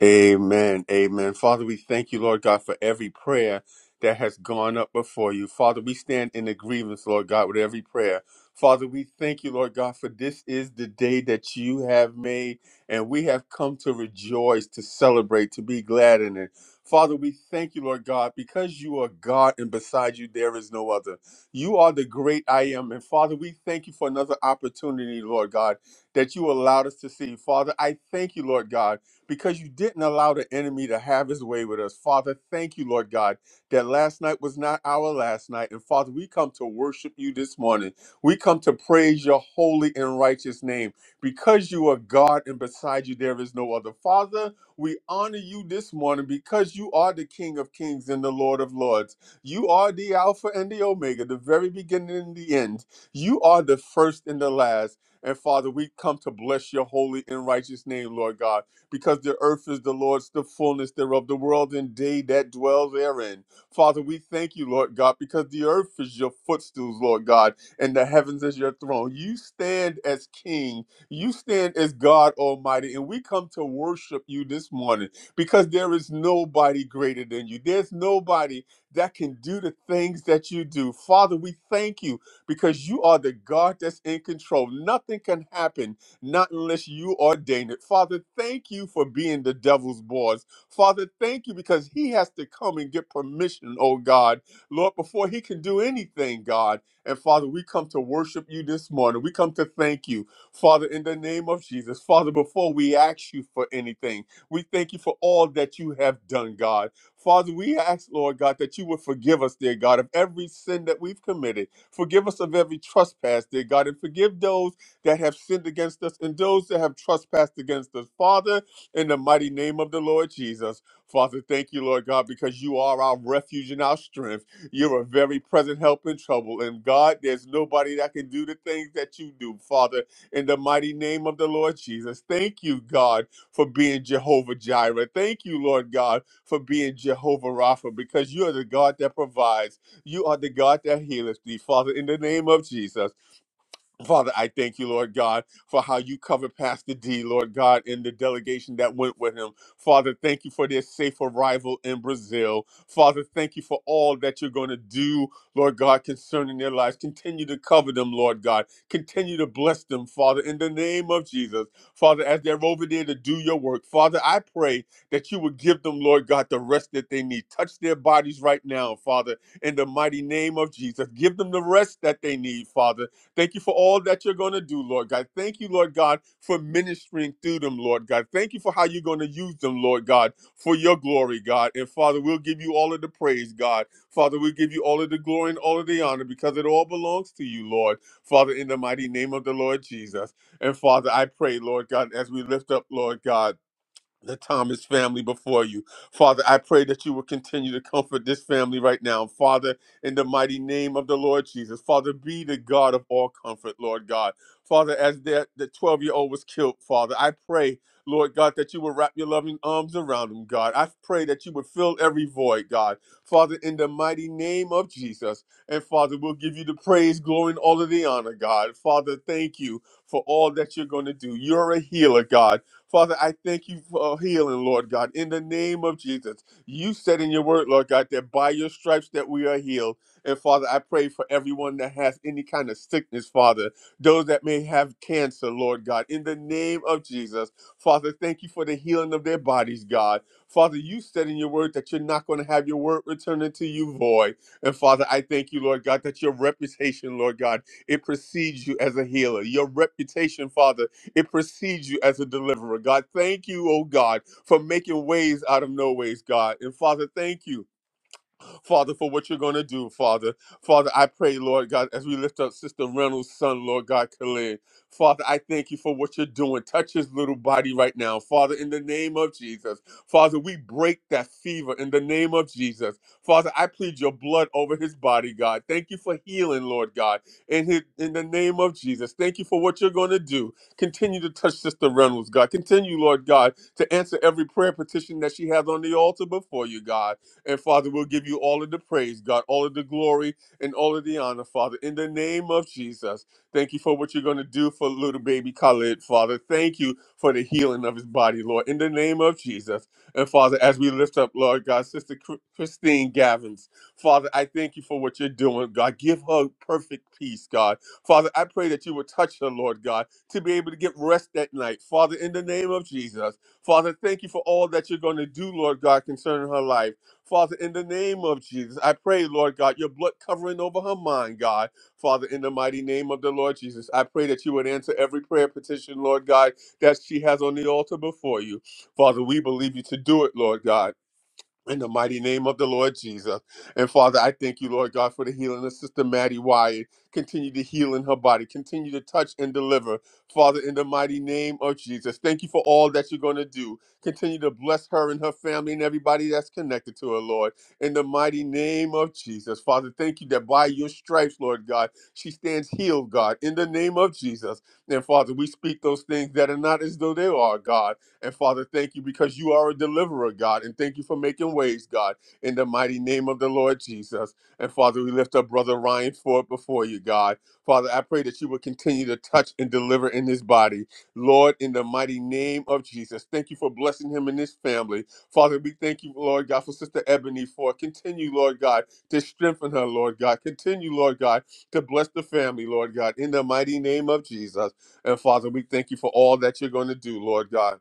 C: Amen. Amen. Father, we thank you, Lord God, for every prayer that has gone up before you. Father, we stand in agreement, Lord God, with every prayer. Father, we thank you, Lord God, for this is the day that you have made, and we have come to rejoice, to celebrate, to be glad in it. Father, we thank you, Lord God, because you are God and beside you there is no other. You are the great I am. And Father, we thank you for another opportunity, Lord God, that you allowed us to see. Father, I thank you, Lord God because you didn't allow the enemy to have his way with us. Father, thank you, Lord God, that last night was not our last night. And Father, we come to worship you this morning. We come to praise your holy and righteous name because you are God and beside you there is no other. Father, we honor you this morning because you are the King of kings and the Lord of lords. You are the Alpha and the Omega, the very beginning and the end. You are the first and the last. And Father, we come to bless your holy and righteous name, Lord God because the earth is the Lord's, the fullness thereof, the world and they that dwell therein. Father, we thank you, Lord God, because the earth is your footstools, Lord God, and the heavens is your throne. You stand as King, you stand as God Almighty, and we come to worship you this morning because there is nobody greater than you. There's nobody that can do the things that you do. Father, we thank you because you are the God that's in control. Nothing can happen not unless you ordain it. Father, thank you for being the devil's boss. Father, thank you because he has to come and get permission, oh God, Lord, before he can do anything, God. And Father, we come to worship you this morning. We come to thank you, Father, in the name of Jesus. Father, before we ask you for anything, we thank you for all that you have done, God. Father, we ask, Lord God, that you would forgive us, dear God, of every sin that we've committed. Forgive us of every trespass, dear God, and forgive those that have sinned against us and those that have trespassed against us. Father, in the mighty name of the Lord Jesus, Father, thank you, Lord God, because you are our refuge and our strength. You're a very present help in trouble. And God, there's nobody that can do the things that you do, Father, in the mighty name of the Lord Jesus. Thank you, God, for being Jehovah Jireh. Thank you, Lord God, for being Jehovah Rapha, because you are the God that provides. You are the God that healeth thee, Father, in the name of Jesus. Father, I thank you, Lord God, for how you covered Pastor D, Lord God, in the delegation that went with him. Father, thank you for their safe arrival in Brazil. Father, thank you for all that you're going to do, Lord God, concerning their lives. Continue to cover them, Lord God. Continue to bless them, Father, in the name of Jesus. Father, as they're over there to do your work, Father, I pray that you would give them, Lord God, the rest that they need. Touch their bodies right now, Father, in the mighty name of Jesus. Give them the rest that they need, Father Thank you for all that you're going to do, Lord God. Thank you, Lord God, for ministering through them, Lord God. Thank you for how you're going to use them, Lord God, for your glory, God. And Father, we'll give you all of the praise, God. Father, we'll give you all of the glory and all of the honor because it all belongs to you, Lord. Father, in the mighty name of the Lord Jesus. And Father, I pray, Lord God, as we lift up, Lord God the Thomas family before you. Father, I pray that you will continue to comfort this family right now. Father, in the mighty name of the Lord Jesus, Father, be the God of all comfort, Lord God. Father, as that the 12 year old was killed, Father, I pray, Lord God, that you will wrap your loving arms around him, God. I pray that you would fill every void, God. Father, in the mighty name of Jesus. And Father, we'll give you the praise, glory, and all of the honor, God. Father, thank you for all that you're going to do. You're a healer, God. Father, I thank you for healing, Lord God, in the name of Jesus. You said in your word, Lord God, that by your stripes that we are healed. And Father, I pray for everyone that has any kind of sickness, Father, those that may have cancer, Lord God, in the name of Jesus. Father, thank you for the healing of their bodies, God. Father, you said in your word that you're not going to have your word returning to you void. And Father, I thank you, Lord God, that your reputation, Lord God, it precedes you as a healer. Your reputation, Father, it precedes you as a deliverer. God, thank you, oh God, for making ways out of no ways, God. And Father, thank you Father, for what you're going to do, Father. Father, I pray, Lord God, as we lift up Sister Reynolds' son, Lord God, Khalid. Father, I thank you for what you're doing. Touch his little body right now, Father, in the name of Jesus. Father, we break that fever in the name of Jesus. Father, I plead your blood over his body, God. Thank you for healing, Lord God, in, his, in the name of Jesus. Thank you for what you're going to do. Continue to touch Sister Reynolds, God. Continue, Lord God, to answer every prayer petition that she has on the altar before you, God. And Father, we'll give you all of the praise, God, all of the glory and all of the honor, Father, in the name of Jesus. Thank you for what you're going to do for little baby Khalid, Father. Thank you for the healing of his body, Lord, in the name of Jesus. And Father, as we lift up, Lord God, Sister Chri- Christine Gavins, Father, I thank you for what you're doing, God. Give her perfect peace, God. Father, I pray that you would touch her, Lord God, to be able to get rest at night, Father, in the name of Jesus. Father, thank you for all that you're going to do, Lord God, concerning her life. Father, in the name of Jesus, I pray, Lord God, your blood covering over her mind, God. Father, in the mighty name of the Lord Jesus, I pray that you would answer every prayer petition, Lord God, that she has on the altar before you. Father, we believe you to do it, Lord God. In the mighty name of the Lord Jesus. And Father, I thank you, Lord God, for the healing of Sister Maddie Wyatt. Continue to heal in her body. Continue to touch and deliver. Father, in the mighty name of Jesus, thank you for all that you're going to do. Continue to bless her and her family and everybody that's connected to her, Lord. In the mighty name of Jesus. Father, thank you that by your stripes, Lord God, she stands healed, God, in the name of Jesus. And Father, we speak those things that are not as though they are, God. And Father, thank you because you are a deliverer, God. And thank you for making ways, God, in the mighty name of the Lord Jesus. And Father, we lift up Brother Ryan Ford before you, God. Father, I pray that you will continue to touch and deliver in his body. Lord, in the mighty name of Jesus, thank you for blessing him and his family. Father, we thank you, Lord God, for Sister Ebony for continue, Lord God, to strengthen her, Lord God. Continue, Lord God, to bless the family, Lord God, in the mighty name of Jesus. And Father, we thank you for all that you're going to do, Lord God.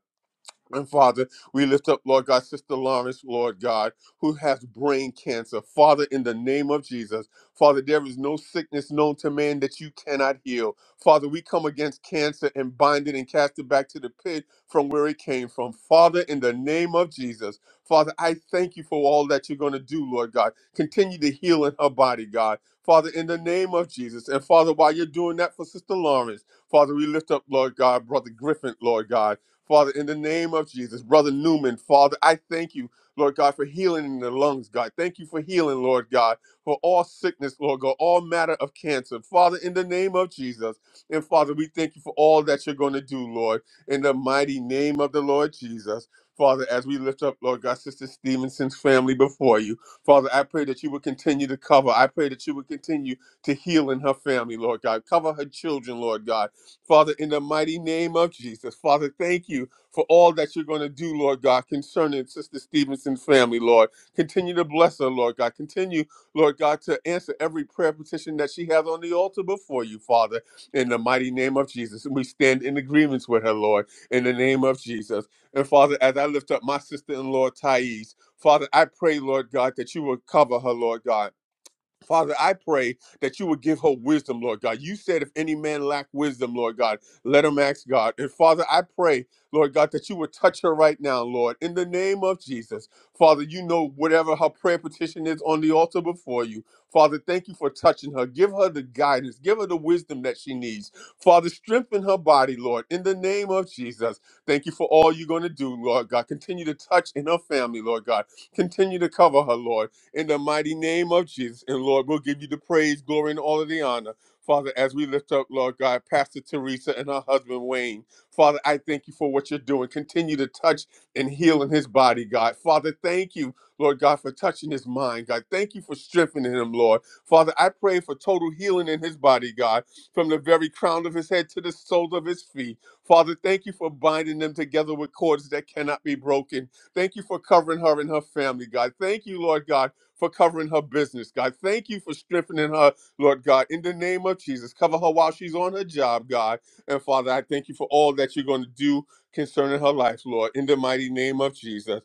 C: And Father, we lift up, Lord God, Sister Lawrence, Lord God, who has brain cancer. Father, in the name of Jesus, Father, there is no sickness known to man that you cannot heal. Father, we come against cancer and bind it and cast it back to the pit from where it came from. Father, in the name of Jesus, Father, I thank you for all that you're going to do, Lord God. Continue to heal in her body, God. Father, in the name of Jesus. And Father, while you're doing that for Sister Lawrence, Father, we lift up, Lord God, Brother Griffin, Lord God. Father, in the name of Jesus. Brother Newman, Father, I thank you, Lord God, for healing in the lungs, God. Thank you for healing, Lord God, for all sickness, Lord God, all matter of cancer. Father, in the name of Jesus. And Father, we thank you for all that you're going to do, Lord, in the mighty name of the Lord Jesus. Father, as we lift up, Lord God, Sister Stevenson's family before you, Father, I pray that you would continue to cover. I pray that you would continue to heal in her family, Lord God. Cover her children, Lord God. Father, in the mighty name of Jesus, Father, thank you for all that you're going to do, Lord God, concerning Sister Stevenson's family, Lord. Continue to bless her, Lord God. Continue, Lord God, to answer every prayer petition that she has on the altar before you, Father, in the mighty name of Jesus. And we stand in agreements with her, Lord, in the name of Jesus. And Father, as I lift up my sister in law, Thais, Father, I pray, Lord God, that you will cover her, Lord God. Father, I pray that you would give her wisdom, Lord God. You said if any man lack wisdom, Lord God, let him ask God. And Father, I pray, Lord God, that you would touch her right now, Lord, in the name of Jesus. Father, you know whatever her prayer petition is on the altar before you. Father, thank you for touching her. Give her the guidance. Give her the wisdom that she needs. Father, strengthen her body, Lord, in the name of Jesus. Thank you for all you're going to do, Lord God. Continue to touch in her family, Lord God. Continue to cover her, Lord in the mighty name of Jesus. And Lord, we'll give you the praise, glory, and all of the honor. Father, as we lift up, Lord God, Pastor Teresa and her husband Wayne, Father, I thank you for what you're doing. Continue to touch and heal in his body, God. Father, thank you, Lord God, for touching his mind, God. Thank you for strengthening him, Lord. Father, I pray for total healing in his body, God, from the very crown of his head to the soles of his feet. Father, thank you for binding them together with cords that cannot be broken. Thank you for covering her and her family, God. Thank you, Lord God, for covering her business, God. Thank you for strengthening her, Lord God. In the name of Jesus, cover her while she's on her job, God. And Father, I thank you for all that you're going to do concerning her life, Lord. In the mighty name of Jesus.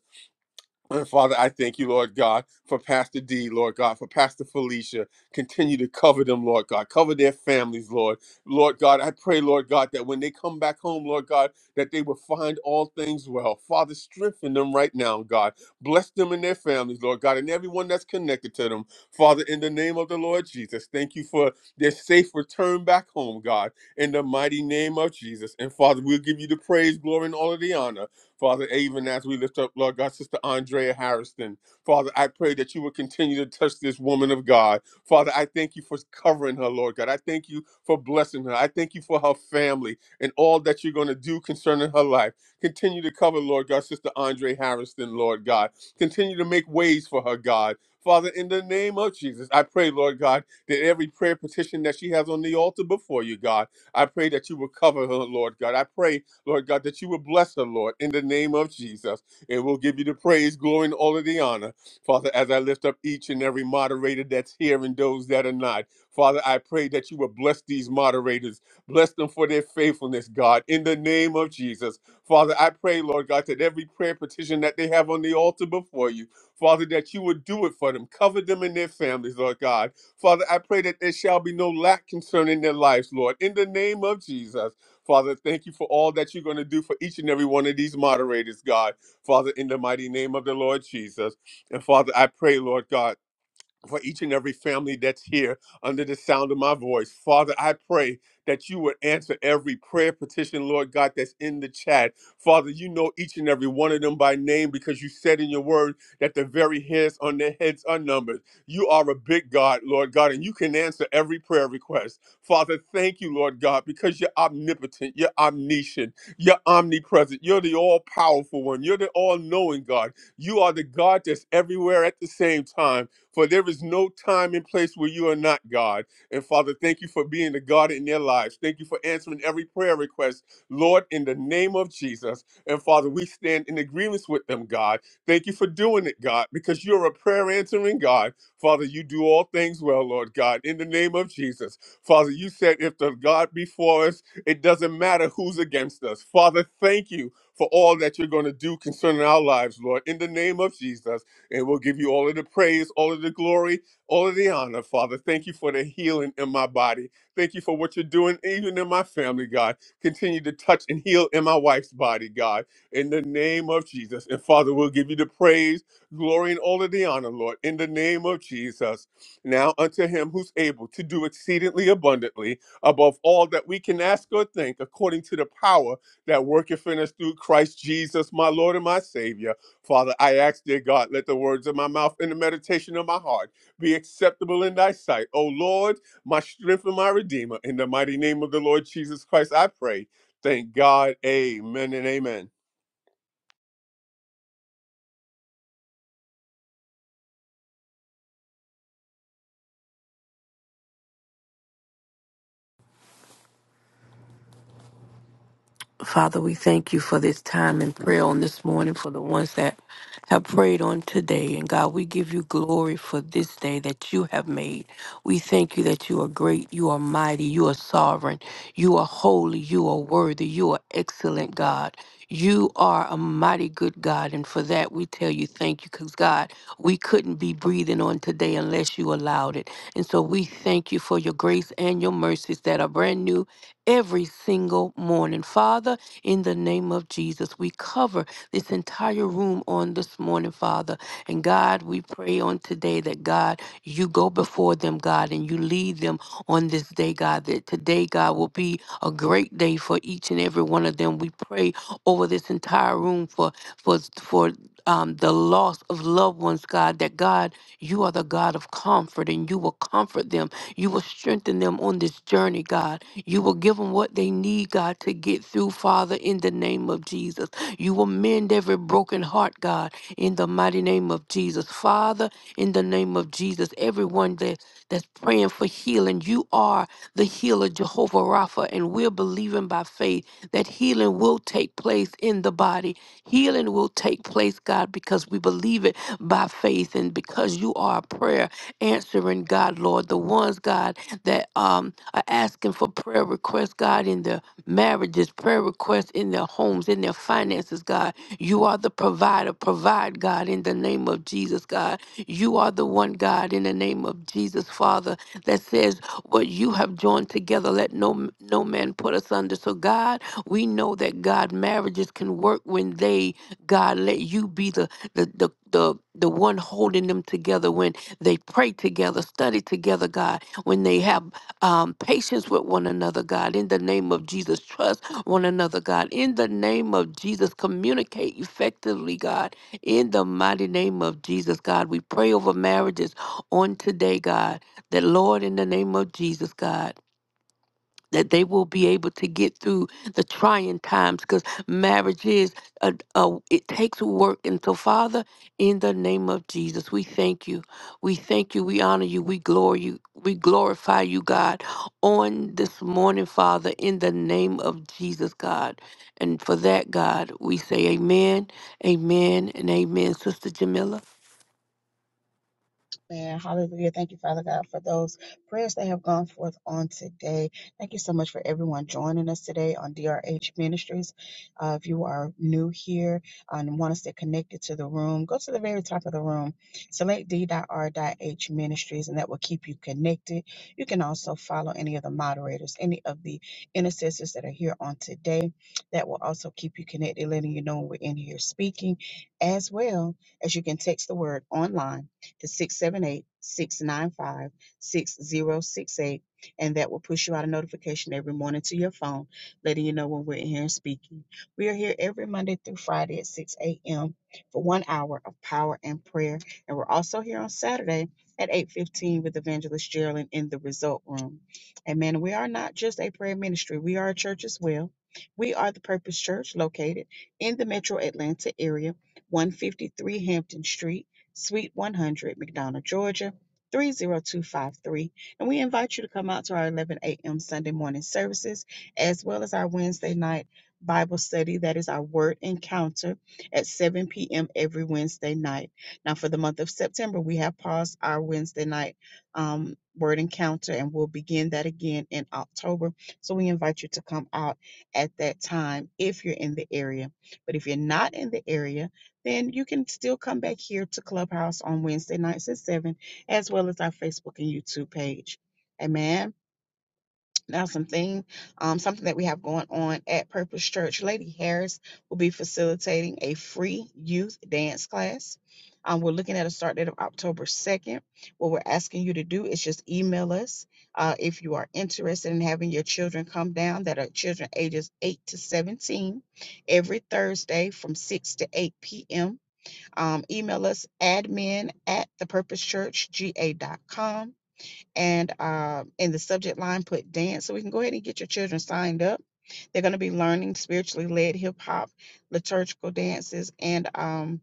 C: And Father, I thank you, Lord God, for Pastor D, Lord God, for Pastor Felicia. Continue to cover them, Lord God. Cover their families, Lord. Lord God, I pray, Lord God, that when they come back home, Lord God, that they will find all things well. Father, strengthen them right now, God. Bless them and their families, Lord God, and everyone that's connected to them. Father, in the name of the Lord Jesus, thank you for their safe return back home, God, in the mighty name of Jesus. And Father, we'll give you the praise, glory, and all of the honor. Father, even as we lift up, Lord God, Sister Andrea Harrison, Father, I pray that you will continue to touch this woman of God. Father, I thank you for covering her, Lord God. I thank you for blessing her. I thank you for her family and all that you're going to do concerning her life. Continue to cover, Lord God, Sister Andrea Harrison, Lord God. Continue to make ways for her, God. Father, in the name of Jesus, I pray, Lord God, that every prayer petition that she has on the altar before you, God, I pray that you will cover her, Lord God. I pray Lord God, that you would bless her, Lord, in the name of Jesus. And we'll give you the praise, glory, and all of the honor. Father, as I lift up each and every moderator that's here and those that are not, Father, I pray that you would bless these moderators, bless them for their faithfulness, God, in the name of Jesus. Father, I pray, Lord God, that every prayer petition that they have on the altar before you, Father, that you would do it for them, cover them and their families, Lord God. Father, I pray that there shall be no lack concerning their lives, Lord, in the name of Jesus. Father, thank you for all that you're going to do for each and every one of these moderators, God. Father, in the mighty name of the Lord Jesus. And Father, I pray, Lord God for each and every family that's here under the sound of my voice. Father, I pray that you would answer every prayer petition, Lord God, that's in the chat. Father, you know each and every one of them by name because you said in your word that the very hairs on their heads are numbered. You are a big God, Lord God, and you can answer every prayer request. Father, thank you, Lord God, because you're omnipotent, you're omniscient, you're omnipresent, you're the all powerful one, you're the all knowing God. You are the God that's everywhere at the same time. For there is no time and place where you are not God. And Father, thank you for being the God in their lives. Thank you for answering every prayer request, Lord, in the name of Jesus. And Father, we stand in agreements with them, God. Thank you for doing it, God, because you're a prayer answering God. Father, you do all things well, Lord God, in the name of Jesus. Father, you said if the God be for us, it doesn't matter who's against us. Father, thank you for all that you're going to do concerning our lives, Lord, in the name of Jesus. And we'll give you all of the praise, all of the glory, all of the honor, Father. Thank you for the healing in my body. Thank you for what you're doing, even in my family, God. Continue to touch and heal in my wife's body, God, in the name of Jesus. And Father, we'll give you the praise, glory, and all of the honor, Lord, in the name of Jesus. Now unto him who's able to do exceedingly abundantly above all that we can ask or think, according to the power that worketh in us through Christ Jesus, my Lord and my Savior. Father, I ask, dear God, let the words of my mouth and the meditation of my heart be acceptable in thy sight. O Lord, my strength and my redeemer. In the mighty name of the Lord Jesus Christ, I pray. Thank God. Amen and amen.
I: Father, we thank you for this time in prayer on this morning for the ones that have prayed on today. And God, we give you glory for this day that you have made. We thank you that you are great, you are mighty, you are sovereign, you are holy, you are worthy, you are excellent, God. You are a mighty good God. And for that, we tell you thank you because, God, we couldn't be breathing on today unless you allowed it. And so we thank you for your grace and your mercies that are brand new every single morning. Father, in the name of Jesus, we cover this entire room on this morning, Father. And God, we pray on today that God, you go before them, God, and you lead them on this day, God, that today, God, will be a great day for each and every one of them. We pray over this entire room for for for um, the loss of loved ones, God, that God, you are the God of comfort and you will comfort them you will strengthen them on this journey, God. You will give them what they need, God, to get through, Father, in the name of Jesus. You will mend every broken heart, God, in the mighty name of Jesus. Father, in the name of Jesus, everyone that, that's praying for healing, you are the healer, Jehovah Rapha, and we're believing by faith that healing will take place in the body. Healing will take place, God, because we believe it by faith and because you are a prayer answering, God, Lord, the ones, God, that um, are asking for prayer requests, God, in their marriages, prayer requests in their homes, in their finances, God. You are the provider. Provide, God, in the name of Jesus, God. You are the one, God, in the name of Jesus, Father, that says, What you have joined together, let no, no man put us under. So, God, we know that, God, marriages can work when they, God, let you be the, the, the, the, the one holding them together when they pray together, study together, God. When they have um, patience with one another, God, in the name of Jesus, trust one another, God. In the name of Jesus, communicate effectively, God. In the mighty name of Jesus, God, we pray over marriages on today, God. That, Lord, in the name of Jesus, God that they will be able to get through the trying times because marriage is a, a it takes work and so father in the name of jesus we thank you we thank you we honor you we glory you we glorify you god on this morning father in the name of jesus god and for that god we say amen amen and amen sister jamila
A: Man, hallelujah. Thank you, Father God, for those prayers that have gone forth on today. Thank you so much for everyone joining us today on DRH Ministries. Uh, if you are new here and want to stay connected to the room, go to the very top of the room, select d.r.h ministries, and that will keep you connected. You can also follow any of the moderators, any of the intercessors that are here on today. That will also keep you connected, letting you know when we're in here speaking, as well as you can text the word online to 678 695 6068, and that will push you out a notification every morning to your phone, letting you know when we're in here and speaking. We are here every Monday through Friday at 6 a.m. for one hour of power and prayer. And we're also here on Saturday at 8.15 with Evangelist Geraldine in the Result Room. Amen. We are not just a prayer ministry. We are a church as well. We are the Purpose Church located in the metro Atlanta area, 153 Hampton Street. Suite 100, McDonough, Georgia 30253. And we invite you to come out to our 11 a.m. Sunday morning services as well as our Wednesday night Bible study. That is our word encounter at 7 p.m. every Wednesday night. Now, for the month of September, we have paused our Wednesday night um, word encounter and we'll begin that again in October. So we invite you to come out at that time if you're in the area. But if you're not in the area, then you can still come back here to Clubhouse on Wednesday nights at 7, as well as our Facebook and YouTube page. Amen. Now, something, um, something that we have going on at Purpose Church, Lady Harris will be facilitating a free youth dance class. Um, we're looking at a start date of October 2nd. What we're asking you to do is just email us uh, if you are interested in having your children come down that are children ages 8 to 17 every Thursday from 6 to 8 p.m. Um, email us admin at thepurposechurchga.com. And um, in the subject line, put dance. So we can go ahead and get your children signed up. They're going to be learning spiritually led hip hop, liturgical dances, and um,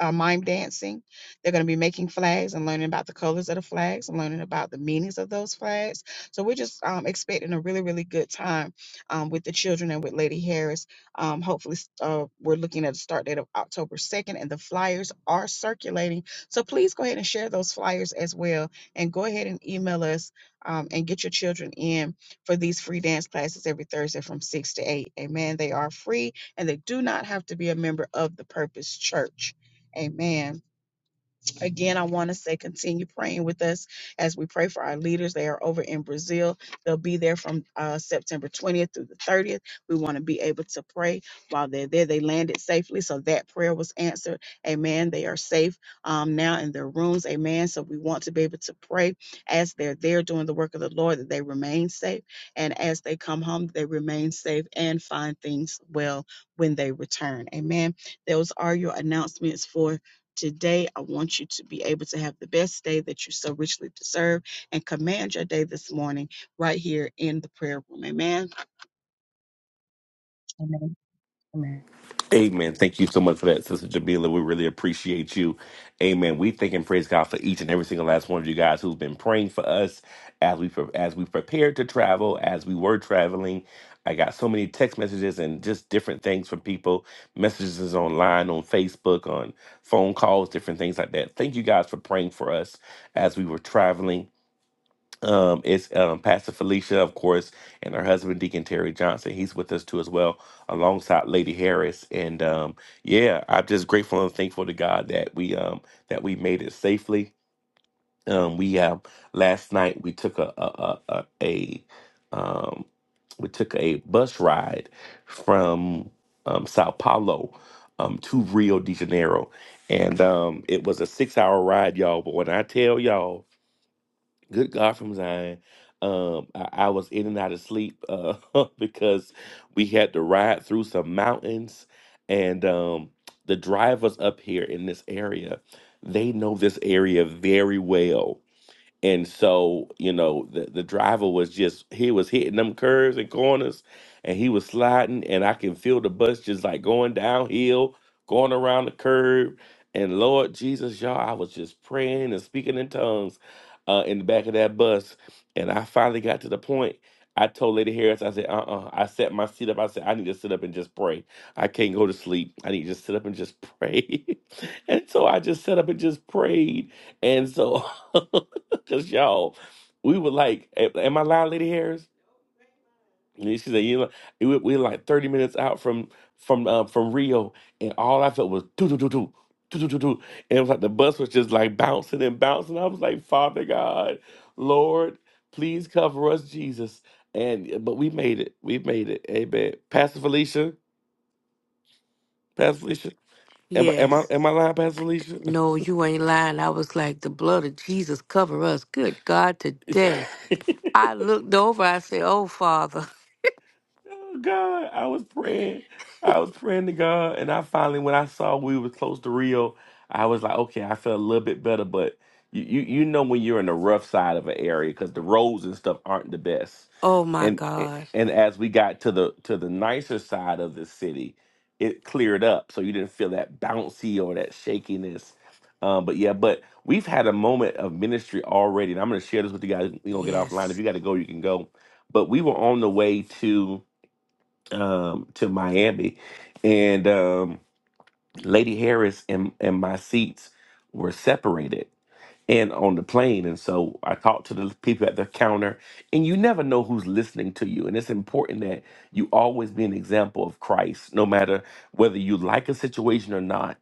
A: uh, mime dancing. They're going to be making flags and learning about the colors of the flags and learning about the meanings of those flags. So we're just um, expecting a really, really good time um, with the children and with Lady Harris. Um, hopefully, uh, we're looking at a start date of October 2nd, and the flyers are circulating. So please go ahead and share those flyers as well. And go ahead and email us um, and get your children in for these free dance classes every Thursday from 6 to 8. Amen. They are free and they do not have to be a member of the Purpose Church. Amen. Again, I want to say continue praying with us as we pray for our leaders. They are over in Brazil. They'll be there from uh, September 20th through the 30th. We want to be able to pray while they're there. They landed safely, so that prayer was answered. Amen. They are safe um, now in their rooms. Amen. So we want to be able to pray as they're there doing the work of the Lord that they remain safe. And as they come home, they remain safe and find things well when they return. Amen. Those are your announcements for Today, I want you to be able to have the best day that you so richly deserve and command your day this morning right here in the prayer room. Amen. Amen. Amen.
F: Amen. Thank you so much for that, Sister Jamila. We really appreciate you. Amen. We thank and praise God for each and every single last one of you guys who's been praying for us as we pre- as we prepared to travel, as we were traveling. I got so many text messages and just different things from people, messages online, on Facebook, on phone calls, different things like that. Thank you guys for praying for us as we were traveling um, it's um, Pastor Felicia, of course, and her husband, Deacon Terry Johnson. He's with us too, as well, alongside Lady Harris. And um, yeah, I'm just grateful and thankful to God that we um, that we made it safely. Um, we um, last night we took a a, a, a a, um, we took a bus ride from um, Sao Paulo um, to Rio de Janeiro, and um, it was a six hour ride, y'all. But when I tell y'all Good God from Zion. Um, I, I was in and out of sleep uh, because we had to ride through some mountains, and um, the drivers up here in this area, they know this area very well and so, you know, the, the driver was just, he was hitting them curves and corners and he was sliding. And I can feel the bus just like going downhill, going around the curb. And Lord Jesus, y'all, I was just praying and speaking in tongues uh, in the back of that bus. And I finally got to the point. I told Lady Harris, I said, uh uh I set my seat up. I said, I need to sit up and just pray. I can't go to sleep. I need to just sit up and just pray. and so I just sat up and just prayed. And so Cause y'all, we were like, a- "Am I loud, Lady Harris?" And she said, "You know, we were we were like thirty minutes out from from uh, from Rio, and all I felt was do do do do do do do do, and it was like the bus was just like bouncing and bouncing. I was like, Father God, Lord, please cover us, Jesus." And uh, but we made it. We made it. Amen. Pastor Felicia, Pastor Felicia, am, I- am I
I: Yes.
F: am I lying, Pastor Felicia?
I: no, you ain't lying. I was like, the blood of Jesus cover us. Good God, today. I looked over, I said, Oh, Father,
F: Oh God, I was praying. I was praying to God, and I finally, when I saw we were close to Rio, I was like, okay, I felt a little bit better. But you, you, you know, when you're in the rough side of an area, because the roads and stuff aren't the best.
I: oh my
F: And
I: God.
F: and as we got to the to the nicer side of the city, it cleared up, so you didn't feel that bouncy or that shakiness. Um, but yeah, but we've had a moment of ministry already, and I'm going to share this with you guys. We gonna get offline. If
I: Yes.
F: you got to go, you can go. But we were on the way to um, to Miami, and um, Lady Harris and and my seats were separated and on the plane. And so I talked to the people at the counter, and you never know who's listening to you. And it's important that you always be an example of Christ, no matter whether you like a situation or not.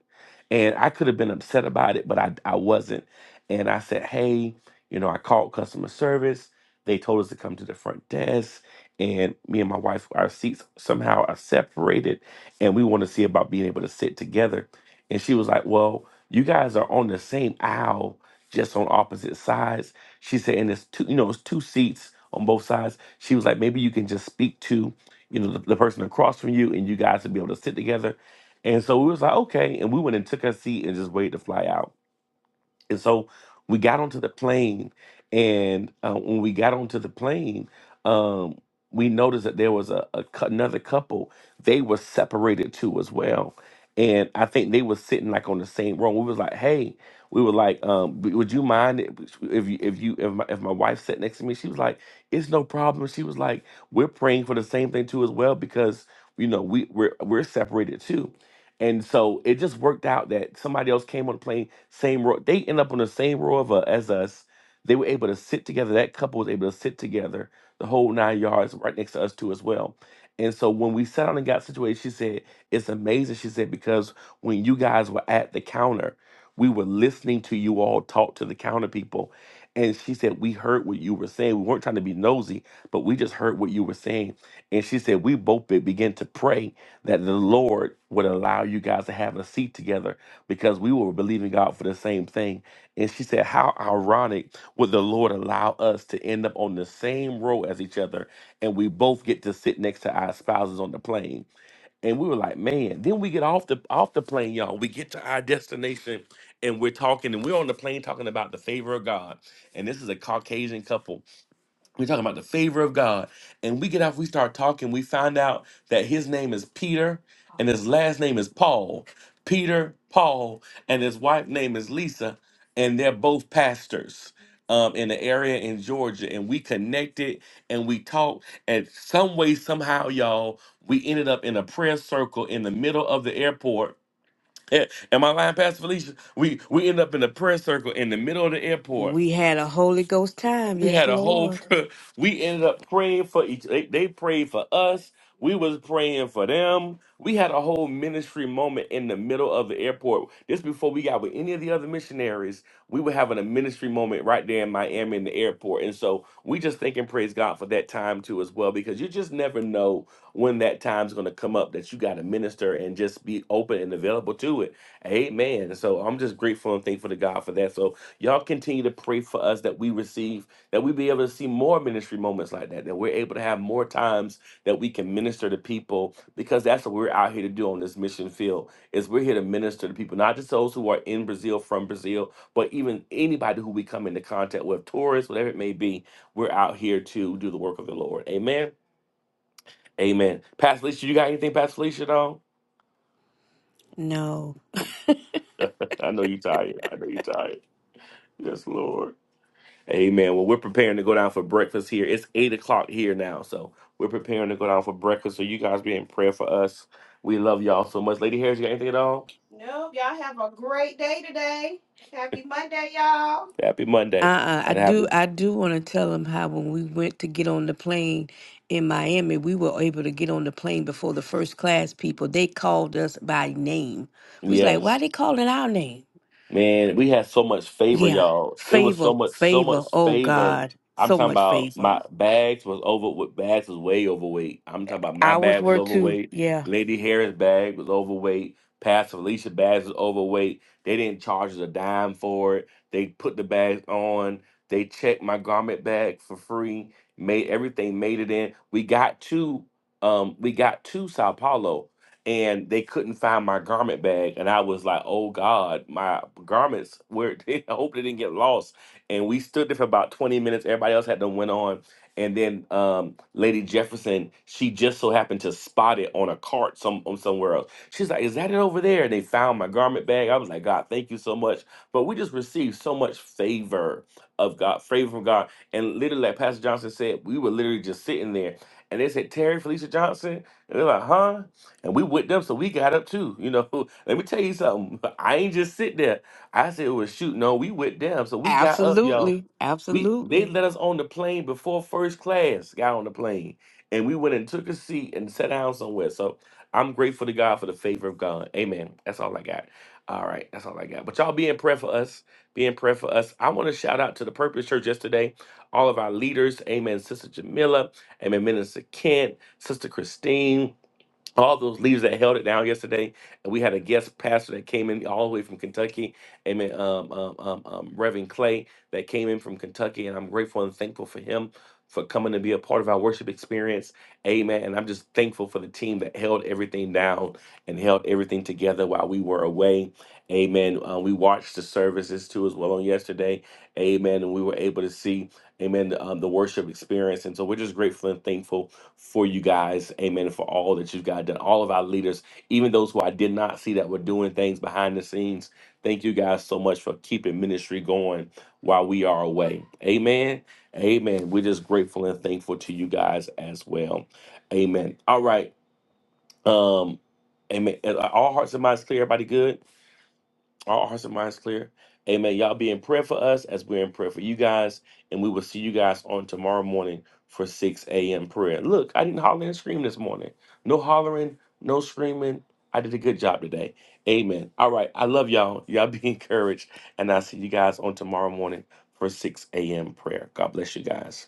F: And I could have been upset about it, but I, I wasn't. And I said, hey, you know, I called customer service. They told us to come to the front desk. And me and my wife, our seats somehow are separated. And we want to see about being able to sit together. And she was like, well, you guys are on the same aisle just on opposite sides. She said, and it's two, you know, it's two seats on both sides. She was like, maybe you can just speak to, you know, the, the person across from you, and you guys would be able to sit together. And so we was like, okay, and we went and took our seat and just waited to fly out. And so we got onto the plane, and uh, when we got onto the plane, um, we noticed that there was a, a cou- another couple. They were separated too as well, and I think they were sitting like on the same row. We was like, "Hey," we were like, um, "W- "Would you mind if if you if you if my, if my wife sat next to me?" She was like, "It's no problem." She was like, "We're praying for the same thing too as well because you know we we're we're separated too." And so it just worked out that somebody else came on the plane, same row. They end up on the same row of, uh, as us. They were able to sit together. That couple was able to sit together, the whole nine yards, right next to us too as well. And so when we sat down and got situated, she said, "It's amazing." She said because when you guys were at the counter, we were listening to you all talk to the counter people, and she said we heard what you were saying. We weren't trying to be nosy, but we just heard what you were saying. And she said we both be- began to pray that the Lord would allow you guys to have a seat together because we were believing God for the same thing. And she said, How ironic would the Lord allow us to end up on the same row as each other and we both get to sit next to our spouses on the plane? And we were like, man, then we get off the off the plane, y'all. We get to our destination and we're talking and we're on the plane talking about the favor of God. And this is a Caucasian couple we're talking about the favor of God. And we get off, we start talking, we find out that his name is Peter and his last name is Paul. Peter, Paul, and his wife name is Lisa, and they're both pastors um, in the area in Georgia. And we connected and we talked. And some way, somehow, y'all, we ended up in a prayer circle in the middle of the airport. Eh, Am I lying, Pastor Felicia? We we ended up in a prayer circle in the middle of the airport
I: We had a Holy Ghost time.
F: we
I: Yes,
F: had a whole.
I: Lord.
F: pr- We ended up praying for each. They, they prayed for us. We was praying for them. We had a whole ministry moment in the middle of the airport. This before we got with any of the other missionaries. We were having a ministry moment right there in Miami in the airport, and so we just thank and praise God for that time too as well, because you just never know when that time's going to come up that you got to minister and just be open and available to it. Amen. So I'm just grateful and thankful to God for that. So y'all continue to pray for us that we receive that we be able to see more ministry moments like that, that we're able to have more times that we can minister to people because that's what we're out here to do on this mission field is we're here to minister to people, not just those who are in Brazil from Brazil, but even anybody who we come into contact with, tourists, whatever it may be, we're out here to do the work of the Lord. Amen. Amen. Pastor Felicia, you got anything, Pastor Felicia, at all?
I: No.
F: I know you're tired. I know you're tired. Yes, Lord. Amen. Well, we're preparing to go down for breakfast here. It's eight o'clock here now, so we're preparing to go down for breakfast. So you guys be in prayer for us. We love y'all so much. Lady Harris, you got anything at all? Nope. Y'all have a great day today. Happy Monday, y'all. Happy Monday,
I: Uh-uh. I
F: and have
I: do
F: a
I: I do want to tell them how when we went to get on the plane in Miami, we were able to get on the plane before the first class people. They called us by name. We was like,
F: yes.
I: why they calling our name?
F: Man, we had so much favor,
I: Yeah.
F: y'all. It was so
I: Favor,
F: much, so much
I: favor. Oh
F: favor.
I: God.
F: I'm
I: So
F: talking
I: much
F: about
I: favor.
F: my bags was over. With bags was way overweight. I'm talking about my
I: Ours
F: bag was
I: were too.
F: overweight.
I: Yeah.
F: Lady Harris' bag was overweight. Pastor Felicia bags was overweight. They didn't charge us a dime for it. They put the bags on. They checked my garment bag for free. Made everything made it in. We got to, um, we got to Sao Paulo and they couldn't find my garment bag and i was like oh god my garments where i hope they didn't get lost and we stood there for about 20 minutes everybody else had to went on and then um, lady jefferson she just so happened to spot it on a cart some on somewhere else she's like is that it over there and they found my garment bag i was like god thank you so much but we just received so much favor of god favor from god and literally like pastor johnson said we were literally just sitting there and they said terry felicia johnson and they're like huh and we with them, so we got up too. You know, let me tell you something. I ain't just sit there. I said, "Well, shoot, no, we with them, so we got up, y'all.
I: Absolutely.
F: We they
I: Absolutely.
F: let us on the plane before first class got on the plane, and we went and took a seat and sat down somewhere. So I'm grateful to God for the favor of God. Amen. That's all I got. All right, that's all I got. But y'all be in prayer for us. Be in prayer for us. I want to shout out to the Purpose Church yesterday. All of our leaders. Amen. Sister Jamila. Amen. Minister Kent. Sister Christine all those leaders that held it down yesterday. And we had a guest pastor that came in all the way from Kentucky. Amen. Um, um, um, um, Reverend Clay that came in from Kentucky, and I'm grateful and thankful for him for coming to be a part of our worship experience. Amen. And I'm just thankful for the team that held everything down and held everything together while we were away. Amen. Uh, we watched the services too as well on yesterday. Amen. And we were able to see, amen, the, um, the worship experience. And so we're just grateful and thankful for you guys. Amen. And for all that you've got done. All of our leaders, even those who I did not see that were doing things behind the scenes. Thank you guys so much for keeping ministry going while we are away. Amen. Amen. We're just grateful and thankful to you guys as well. Amen. All right. Um, amen. Are All hearts and minds clear. Everybody good? All hearts and minds clear. Amen. Y'all be in prayer for us as we're in prayer for you guys. And we will see you guys on tomorrow morning for 6 a.m. prayer. Look, I didn't holler and scream this morning. No hollering, no screaming. I did a good job today. Amen. All right. I love y'all. Y'all be encouraged. And I'll see you guys on tomorrow morning for 6 a.m. prayer. God bless you guys.